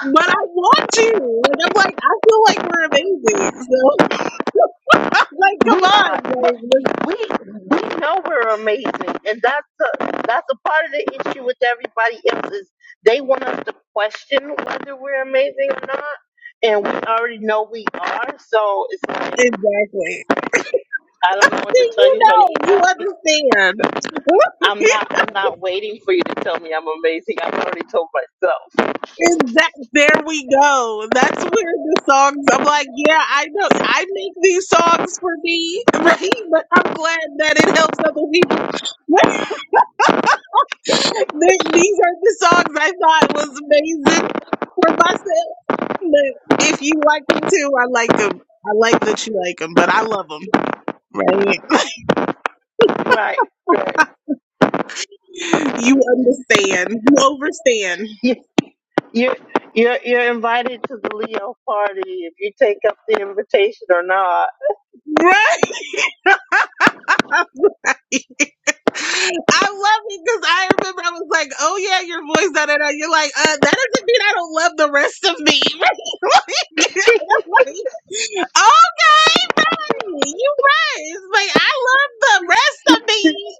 Speaker 3: But I want to. Like, I'm like, I feel like we're amazing. So I'm like, come
Speaker 1: We
Speaker 3: on.
Speaker 1: are, but
Speaker 3: Like, let's-
Speaker 1: we we know we're amazing, and that's the that's a part of the issue with everybody else is they want us to question whether we're amazing or not, and we already know we are. So it's like
Speaker 3: exactly.
Speaker 1: I don't know what to
Speaker 3: See,
Speaker 1: tell
Speaker 3: you
Speaker 1: you, honey.
Speaker 3: know, you understand.
Speaker 1: I'm not I'm not waiting for you to tell me I'm amazing. I've already told myself.
Speaker 3: Exactly. There we go. That's where the songs. I'm like, yeah, I know. I make these songs for me, right? But I'm glad that it helps other people. Th- these are the songs I thought was amazing for myself. But if you like them too, I like them. I like that you like them, but I love them, right?
Speaker 1: Right, right.
Speaker 3: You understand. You overstand,
Speaker 1: You you you're you're invited to the Leo party if you take up the invitation or not.
Speaker 3: right? I love it because I remember I was like, "Oh yeah, your voice." Da da da. You're like, uh, "That doesn't mean I don't love the rest of me." Like, I'm like, okay, right. You right. It's like I love the rest of me,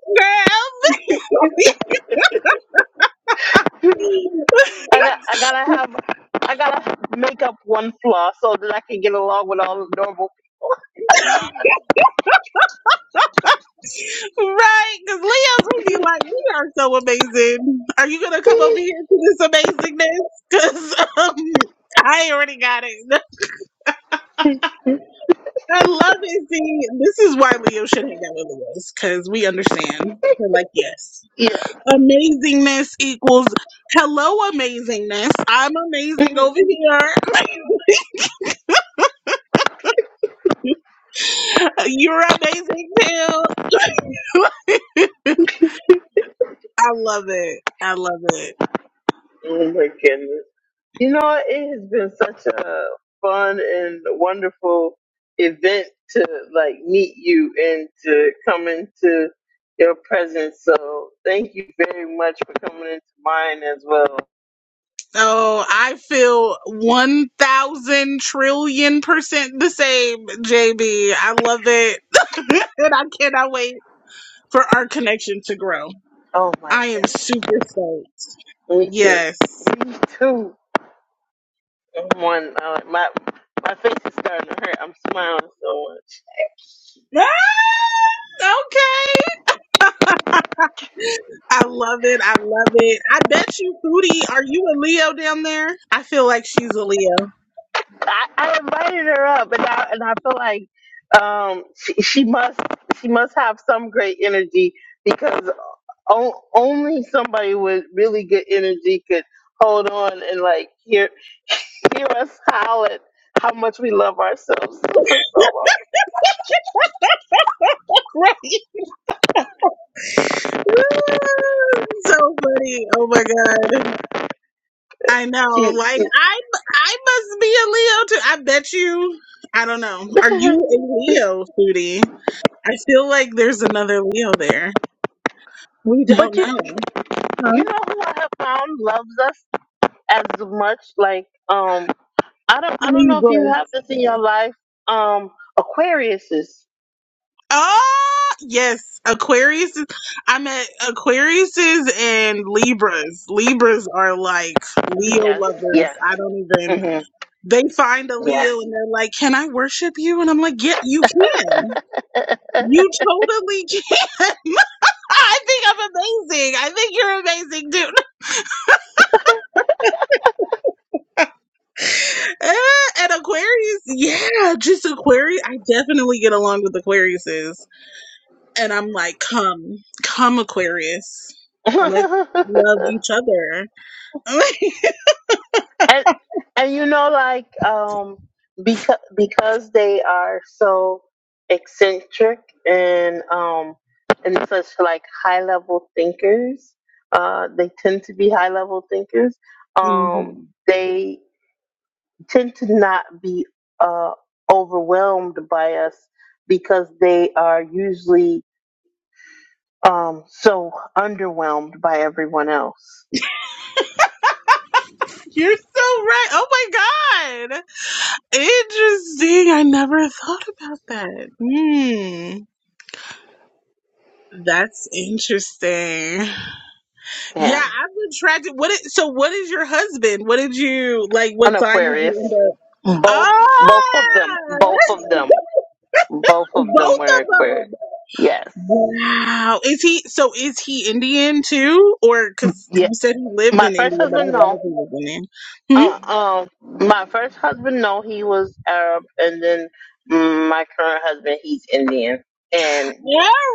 Speaker 1: I got, I gotta have, I gotta make up one flaw so that I can get along with all the normal people.
Speaker 3: girl. right? Because Leo's gonna be like, "We are so amazing. Are you gonna come over here to this amazingness?" Because um, I already got it. I love it. See, this is why Leo should hang out with Lewis because we understand. We're like, yes,
Speaker 1: Yeah.
Speaker 3: amazingness equals hello, amazingness. I'm amazing
Speaker 1: Mhm.
Speaker 3: over here. You're amazing too. I love it. I love it.
Speaker 1: oh my goodness. You know, it has been such a fun and wonderful event to like meet you and to come into your presence. So thank you very much for coming into mine as well.
Speaker 3: So I feel 1,000 trillion percent the same, JB. I love it. and I cannot wait for our connection to grow.
Speaker 1: Oh,
Speaker 3: I am super stoked.
Speaker 1: me too.
Speaker 3: Yes.
Speaker 1: Me too. One, uh, my my face is starting to hurt. I'm smiling so much.
Speaker 3: Ah, okay. I love it. I love it. I bet you, Foodie, are you a Leo down there? I feel like she's a Leo.
Speaker 1: I, I invited her up, and I and I feel like um, she, she must she must have some great energy because o- only somebody with really good energy could hold on and like hear hear us howl at how much we love ourselves for so long.
Speaker 3: right. so funny. Oh my God. I know.
Speaker 1: She,
Speaker 3: Like,
Speaker 1: she,
Speaker 3: I, I must be a Leo too. I bet you. I don't know. Are you a Leo, Foodie? I feel like there's another Leo there. We don't
Speaker 1: but you
Speaker 3: know. Huh?
Speaker 1: you know who I have found loves us as much like um I don't I don't know if
Speaker 3: Libra.
Speaker 1: you have this in your life um Aquariuses.
Speaker 3: Oh, yes. Aquarius is, I meant Aquariuses and Libras. Libras are like Leo
Speaker 1: Yes.
Speaker 3: lovers.
Speaker 1: Yes.
Speaker 3: I don't even,
Speaker 1: hmm
Speaker 3: they find a Leo and they're like, can I worship you? And I'm like, yeah, you can. You totally can. I think I'm amazing. I think you're amazing, dude. Uh, and Aquarius, yeah, just Aquarius. I definitely get along with Aquariuses. and I'm like, come, come, Aquarius. Let's love each other.
Speaker 1: and and you know, like um, because because they are so eccentric and um and such like high level thinkers, uh, they tend to be high level thinkers.
Speaker 3: Mhm.
Speaker 1: Um, they tend to not be uh overwhelmed by us because they are usually um so underwhelmed by everyone else.
Speaker 3: You're so right. Oh my God. Interesting. I never thought about that. Hmm. That's interesting. Yeah,
Speaker 1: Yeah.
Speaker 3: I was attracted. What? Is, so, what is your husband? What did you like? What
Speaker 1: an
Speaker 3: sign did you
Speaker 1: Aquarius.
Speaker 3: end up?
Speaker 1: Mm. Both both of them.
Speaker 3: Ah,
Speaker 1: Both of them. Both of them
Speaker 3: both
Speaker 1: were
Speaker 3: of
Speaker 1: Aquarius.
Speaker 3: them.
Speaker 1: Yes.
Speaker 3: Wow. Is he? So, is he Indian too? Or because you
Speaker 1: Yeah.
Speaker 3: said he lived
Speaker 1: My
Speaker 3: in India,
Speaker 1: first
Speaker 3: but I
Speaker 1: husband
Speaker 3: don't
Speaker 1: no.
Speaker 3: know if he was Indian. Hmm?
Speaker 1: Uh um my first husband no, he was Arab and then mm, my current husband he's Indian. And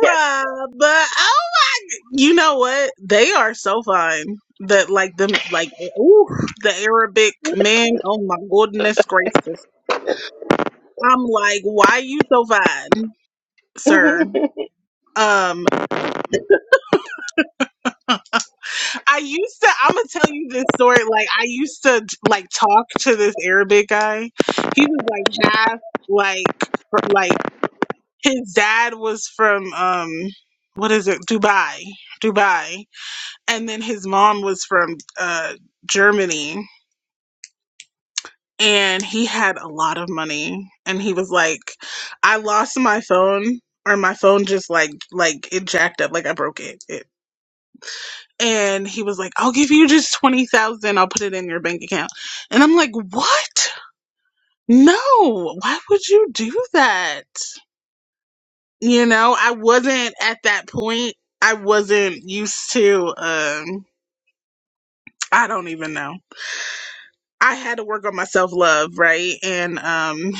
Speaker 1: yes.
Speaker 3: but oh, you know what? They are so fun. That like them like ooh, the Arabic men. Oh my goodness gracious! I'm like, why you so fine? sir. Um, I used to. I'm gonna tell you this story. Like I used to like talk to this Arabic guy. He was like half like fr- like his dad was from um what is it Dubai Dubai, and then his mom was from uh Germany. And he had a lot of money, and he was like, "I lost my phone, or my phone just like like it jacked up, like I broke it. and he was like, I'll give you just 20,000. I'll put it in your bank account. And I'm like, what? No, why would you do that? You know, I wasn't at that point. I wasn't used to, um, I don't even know. I had to work on my self love, right? And, um,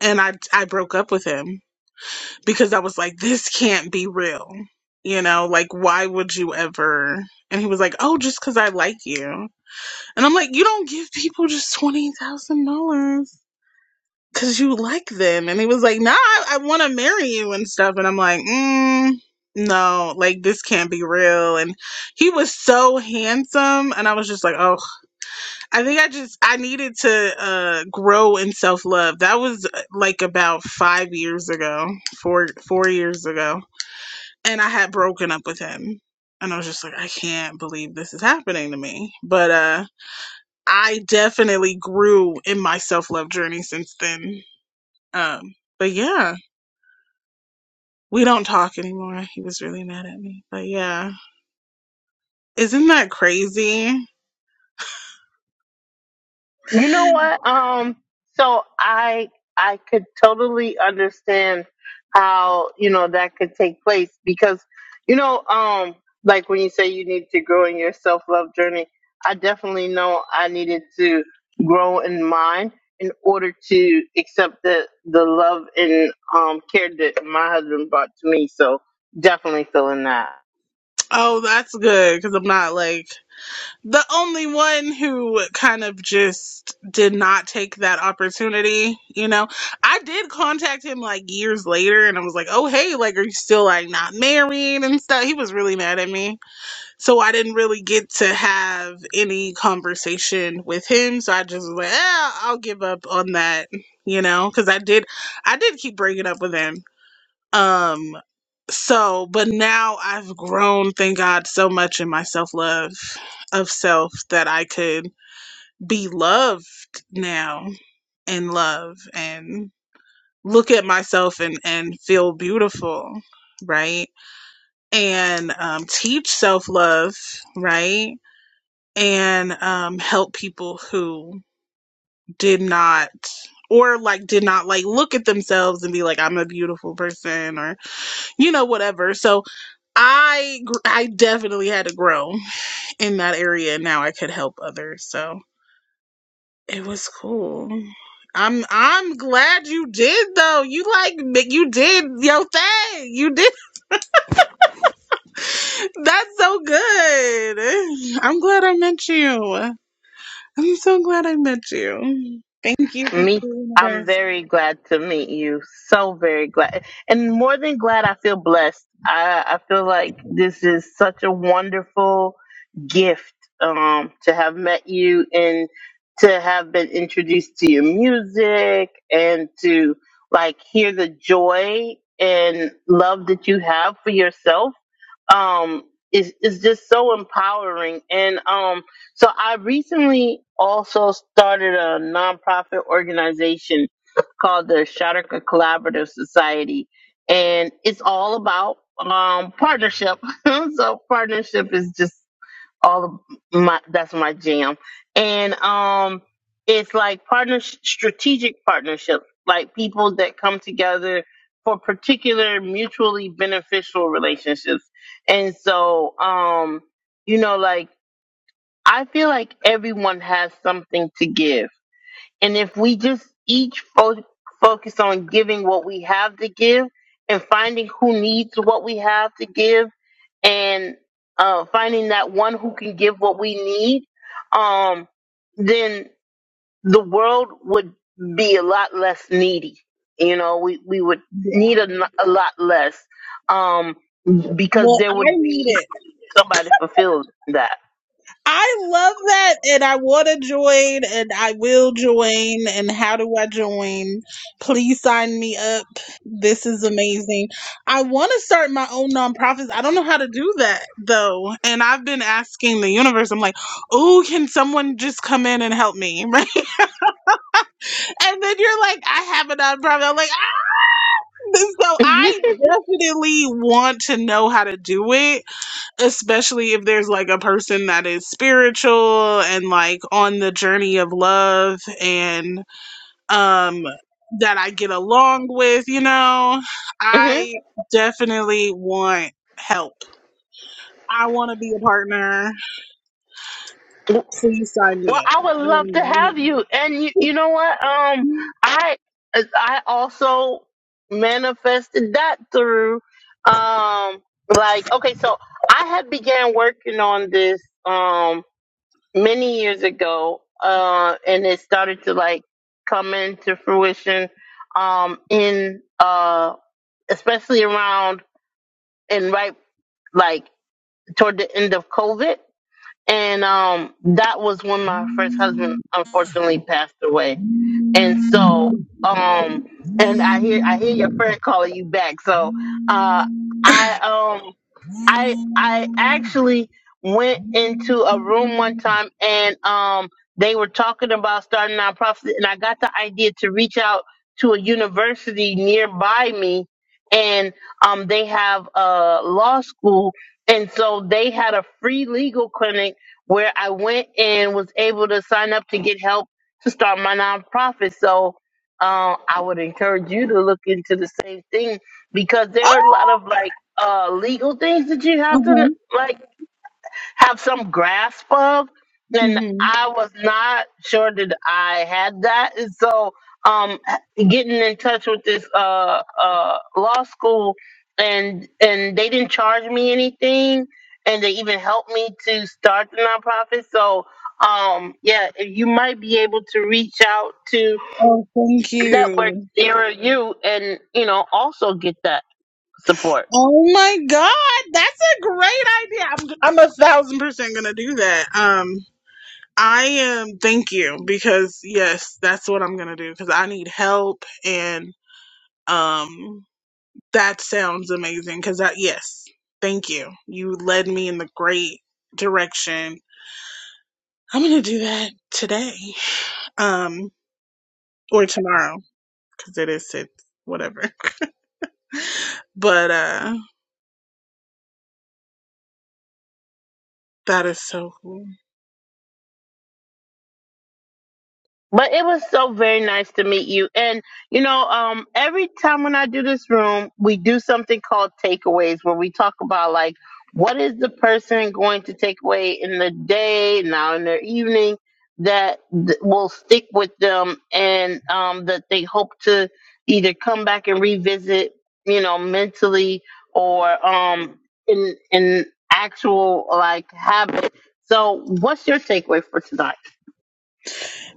Speaker 3: and I, I broke up with him because I was like, this can't be real. You know, like, why would you ever? And he was like, oh, just because I like you. And I'm like, you don't give people just twenty thousand dollars because you like them. And he was like, nah, I, I want to marry you and stuff. And I'm like, mm, no, like this can't be real. And he was so handsome, and I was just like, oh, I think I just I needed to uh, grow in self love. That was uh, like about five years ago, four four years ago, and I had broken up with him. And I was just like, I can't believe this is happening to me. But uh I definitely grew in my self love journey since then. Um, but yeah, we don't talk anymore. He was really mad at me. But yeah, isn't that crazy?
Speaker 1: You know what? Um, so I I could totally understand how, you know, that could take place because, you know, um, like when you say you need to grow in your self love journey, I definitely know I needed to grow in mine in order to accept the the love and um care that my husband brought to me. So definitely feeling that.
Speaker 3: Oh, that's good because I'm not like the only one who kind of just did not take that opportunity. You know, I did contact him like years later and I was like, oh, hey, like, are you still like not married and stuff? He was really mad at me. So I didn't really get to have any conversation with him. So I just was like, eh, I'll give up on that, you know, because I did, I did keep breaking up with him. Um, so, but now I've grown, thank God, so much in my self love of self that I could be loved now and love and look at myself and and feel beautiful, right? And um, teach self love, right? and um, help people who did not or like did not like look at themselves and be like i'm a beautiful person or you know whatever so i gr- i definitely had to grow in that area and now i could help others so it was cool i'm i'm glad you did though you like you did your thing you did that's so good i'm glad i met you I'm so glad I met you. Thank you, thank you,
Speaker 1: Me, I'm
Speaker 3: universe.
Speaker 1: very glad to meet you. So very glad, and more than glad, I feel blessed. I, I feel like this is such a wonderful gift um, to have met you and to have been introduced to your music and to like hear the joy and love that you have for yourself. Um, is is just so empowering, and um, so I recently also started a nonprofit organization called the Shatterka Collaborative Society, and it's all about um, partnership. so partnership is just all of my that's my jam, and um, it's like partner strategic partnerships, like people that come together for particular mutually beneficial relationships, and so um, you know, like I feel like everyone has something to give. And if we just each fo- focus on giving what we have to give and finding who needs what we have to give and uh, finding that one who can give what we need, um, then the world would be a lot less needy. You know, we, we would
Speaker 3: Yeah.
Speaker 1: need a, n- a lot less um, because
Speaker 3: Well,
Speaker 1: there
Speaker 3: I
Speaker 1: would
Speaker 3: need
Speaker 1: be
Speaker 3: it.
Speaker 1: somebody fulfilled that.
Speaker 3: I love that, and I want to join, and I will join. And how do I join? Please sign me up. This is amazing. I want to start my own nonprofits. I don't know how to do that though, and I've been asking the universe. I'm like, oh, can someone just come in and help me, right? And then you're like, I have a nonprofit. I'm like, So I definitely want to know how to do it, especially if there's like a person that is spiritual and like on the journey of love and um that I get along with, you know.
Speaker 1: hmm
Speaker 3: I definitely want help. I want to be a partner. Please sign
Speaker 1: Well,
Speaker 3: me
Speaker 1: I
Speaker 3: up.
Speaker 1: would
Speaker 3: I
Speaker 1: love
Speaker 3: am
Speaker 1: to
Speaker 3: right
Speaker 1: have you. And you, you know what? Um, I I also manifested that through um like okay, so I had began working on this um many years ago uh and it started to like come into fruition um in uh especially around and right like toward the end of COVID and um that was when my first husband unfortunately passed away and so um and i hear i hear your friend calling you back so uh i um I I actually went into a room one time and um they were talking about starting a nonprofit and I got the idea to reach out to a university nearby me and um they have a law school and so they had a free legal clinic where I went and was able to sign up to get help to start my nonprofit. So uh, I would encourage you to look into the same thing because there are a lot of like uh, legal things that you have to
Speaker 3: Oh,
Speaker 1: like have some grasp of,
Speaker 3: Mhm,
Speaker 1: and
Speaker 3: mhm.
Speaker 1: I was not sure that I had that, and so um, getting in touch with this uh, uh, law school, and and they didn't charge me anything, and they even helped me to start the nonprofit. So um, yeah, you might be able to reach out to
Speaker 3: Oh, thank
Speaker 1: network
Speaker 3: you.
Speaker 1: nearer you, and you know also get that support.
Speaker 3: Oh my God, that's a great idea. I'm I'm a thousand percent gonna do that. Um, I am. Thank you because yes, that's what I'm gonna do because I need help and um, that sounds amazing because that yes, thank you. You led me in the great direction. I'm gonna do that today, um, or tomorrow because it is it's whatever. But uh, that is so cool.
Speaker 1: But it was so very nice to meet you. And you know, um, every time when I do this room, we do something called takeaways where we talk about like what is the person going to take away in the day, now in their evening, that th- will stick with them and um, that they hope to either come back and revisit, you know, mentally or um, in in actual like habit. So, what's your takeaway for tonight?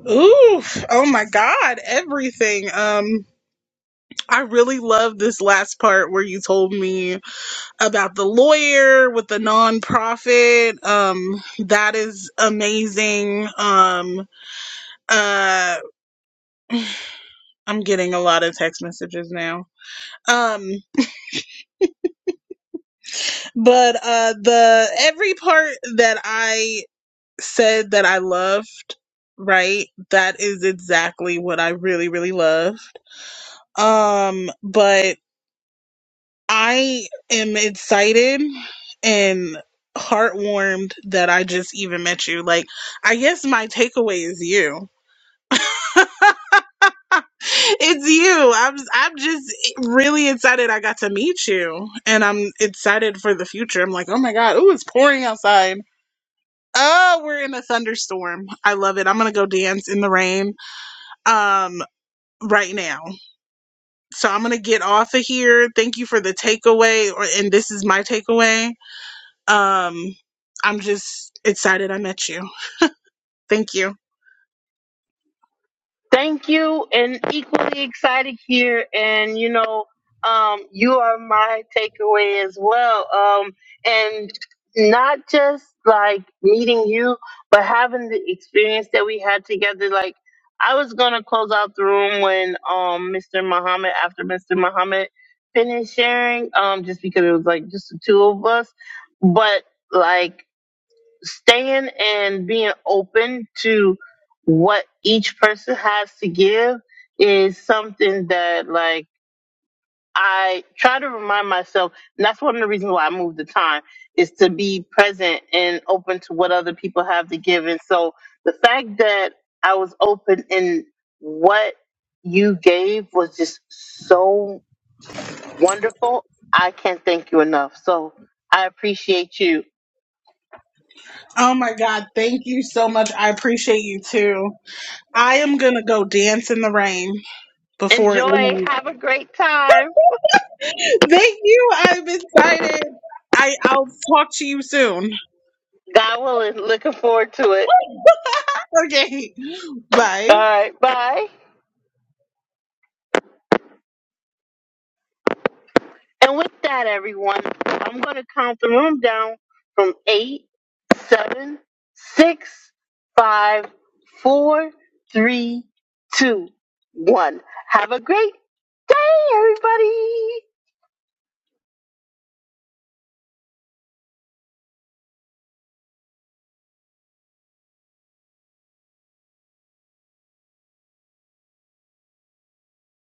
Speaker 3: Ooh! Oh my God. Everything. Um, I really love this last part where you told me about the lawyer with the nonprofit. Um, that is amazing. Um, uh, I'm getting a lot of text messages now. Um, but uh, the every part that I said that I loved, right? That is exactly what I really, really loved. Um, but I am excited and heartwarmed that I just even met you. Like, I guess my takeaway is you. It's you. I'm I'm just really excited I got to meet you and I'm excited for the future. I'm like, "Oh my god, oh, it's pouring outside." Oh, we're in a thunderstorm. I love it. I'm going to go dance in the rain. Um right now. So I'm going to get off of here. Thank you for the takeaway or and this is my takeaway Um, I'm just excited I met you. Thank you.
Speaker 1: Thank you, and equally excited here. And you know, um, you are my takeaway as well. Um, and not just like meeting you, but having the experience that we had together. Like I was gonna close out the room when um Mr. Muhammad after Mr. Muhammad finished sharing, um, just because it was like just the two of us, but. Like staying and being open to what each person has to give is something that like I try to remind myself, and that's one of the reasons why I moved the time is to be present and open to what other people have to give. And so the fact that I was open in what you gave was just so wonderful. I can't thank you enough. So I appreciate you.
Speaker 3: Oh my God, thank you so much. I appreciate you too. I am gonna go dance in the rain before it
Speaker 1: Enjoy.
Speaker 3: leaves.
Speaker 1: Have a great time.
Speaker 3: Thank you. I'm excited. I, I'll talk to you soon.
Speaker 1: God willing, looking forward to it.
Speaker 3: Okay. Bye.
Speaker 1: All right, bye. And with that, everyone, I'm going to count the room down from eight, seven, six, five, four, three, two, one. Have a great day, everybody.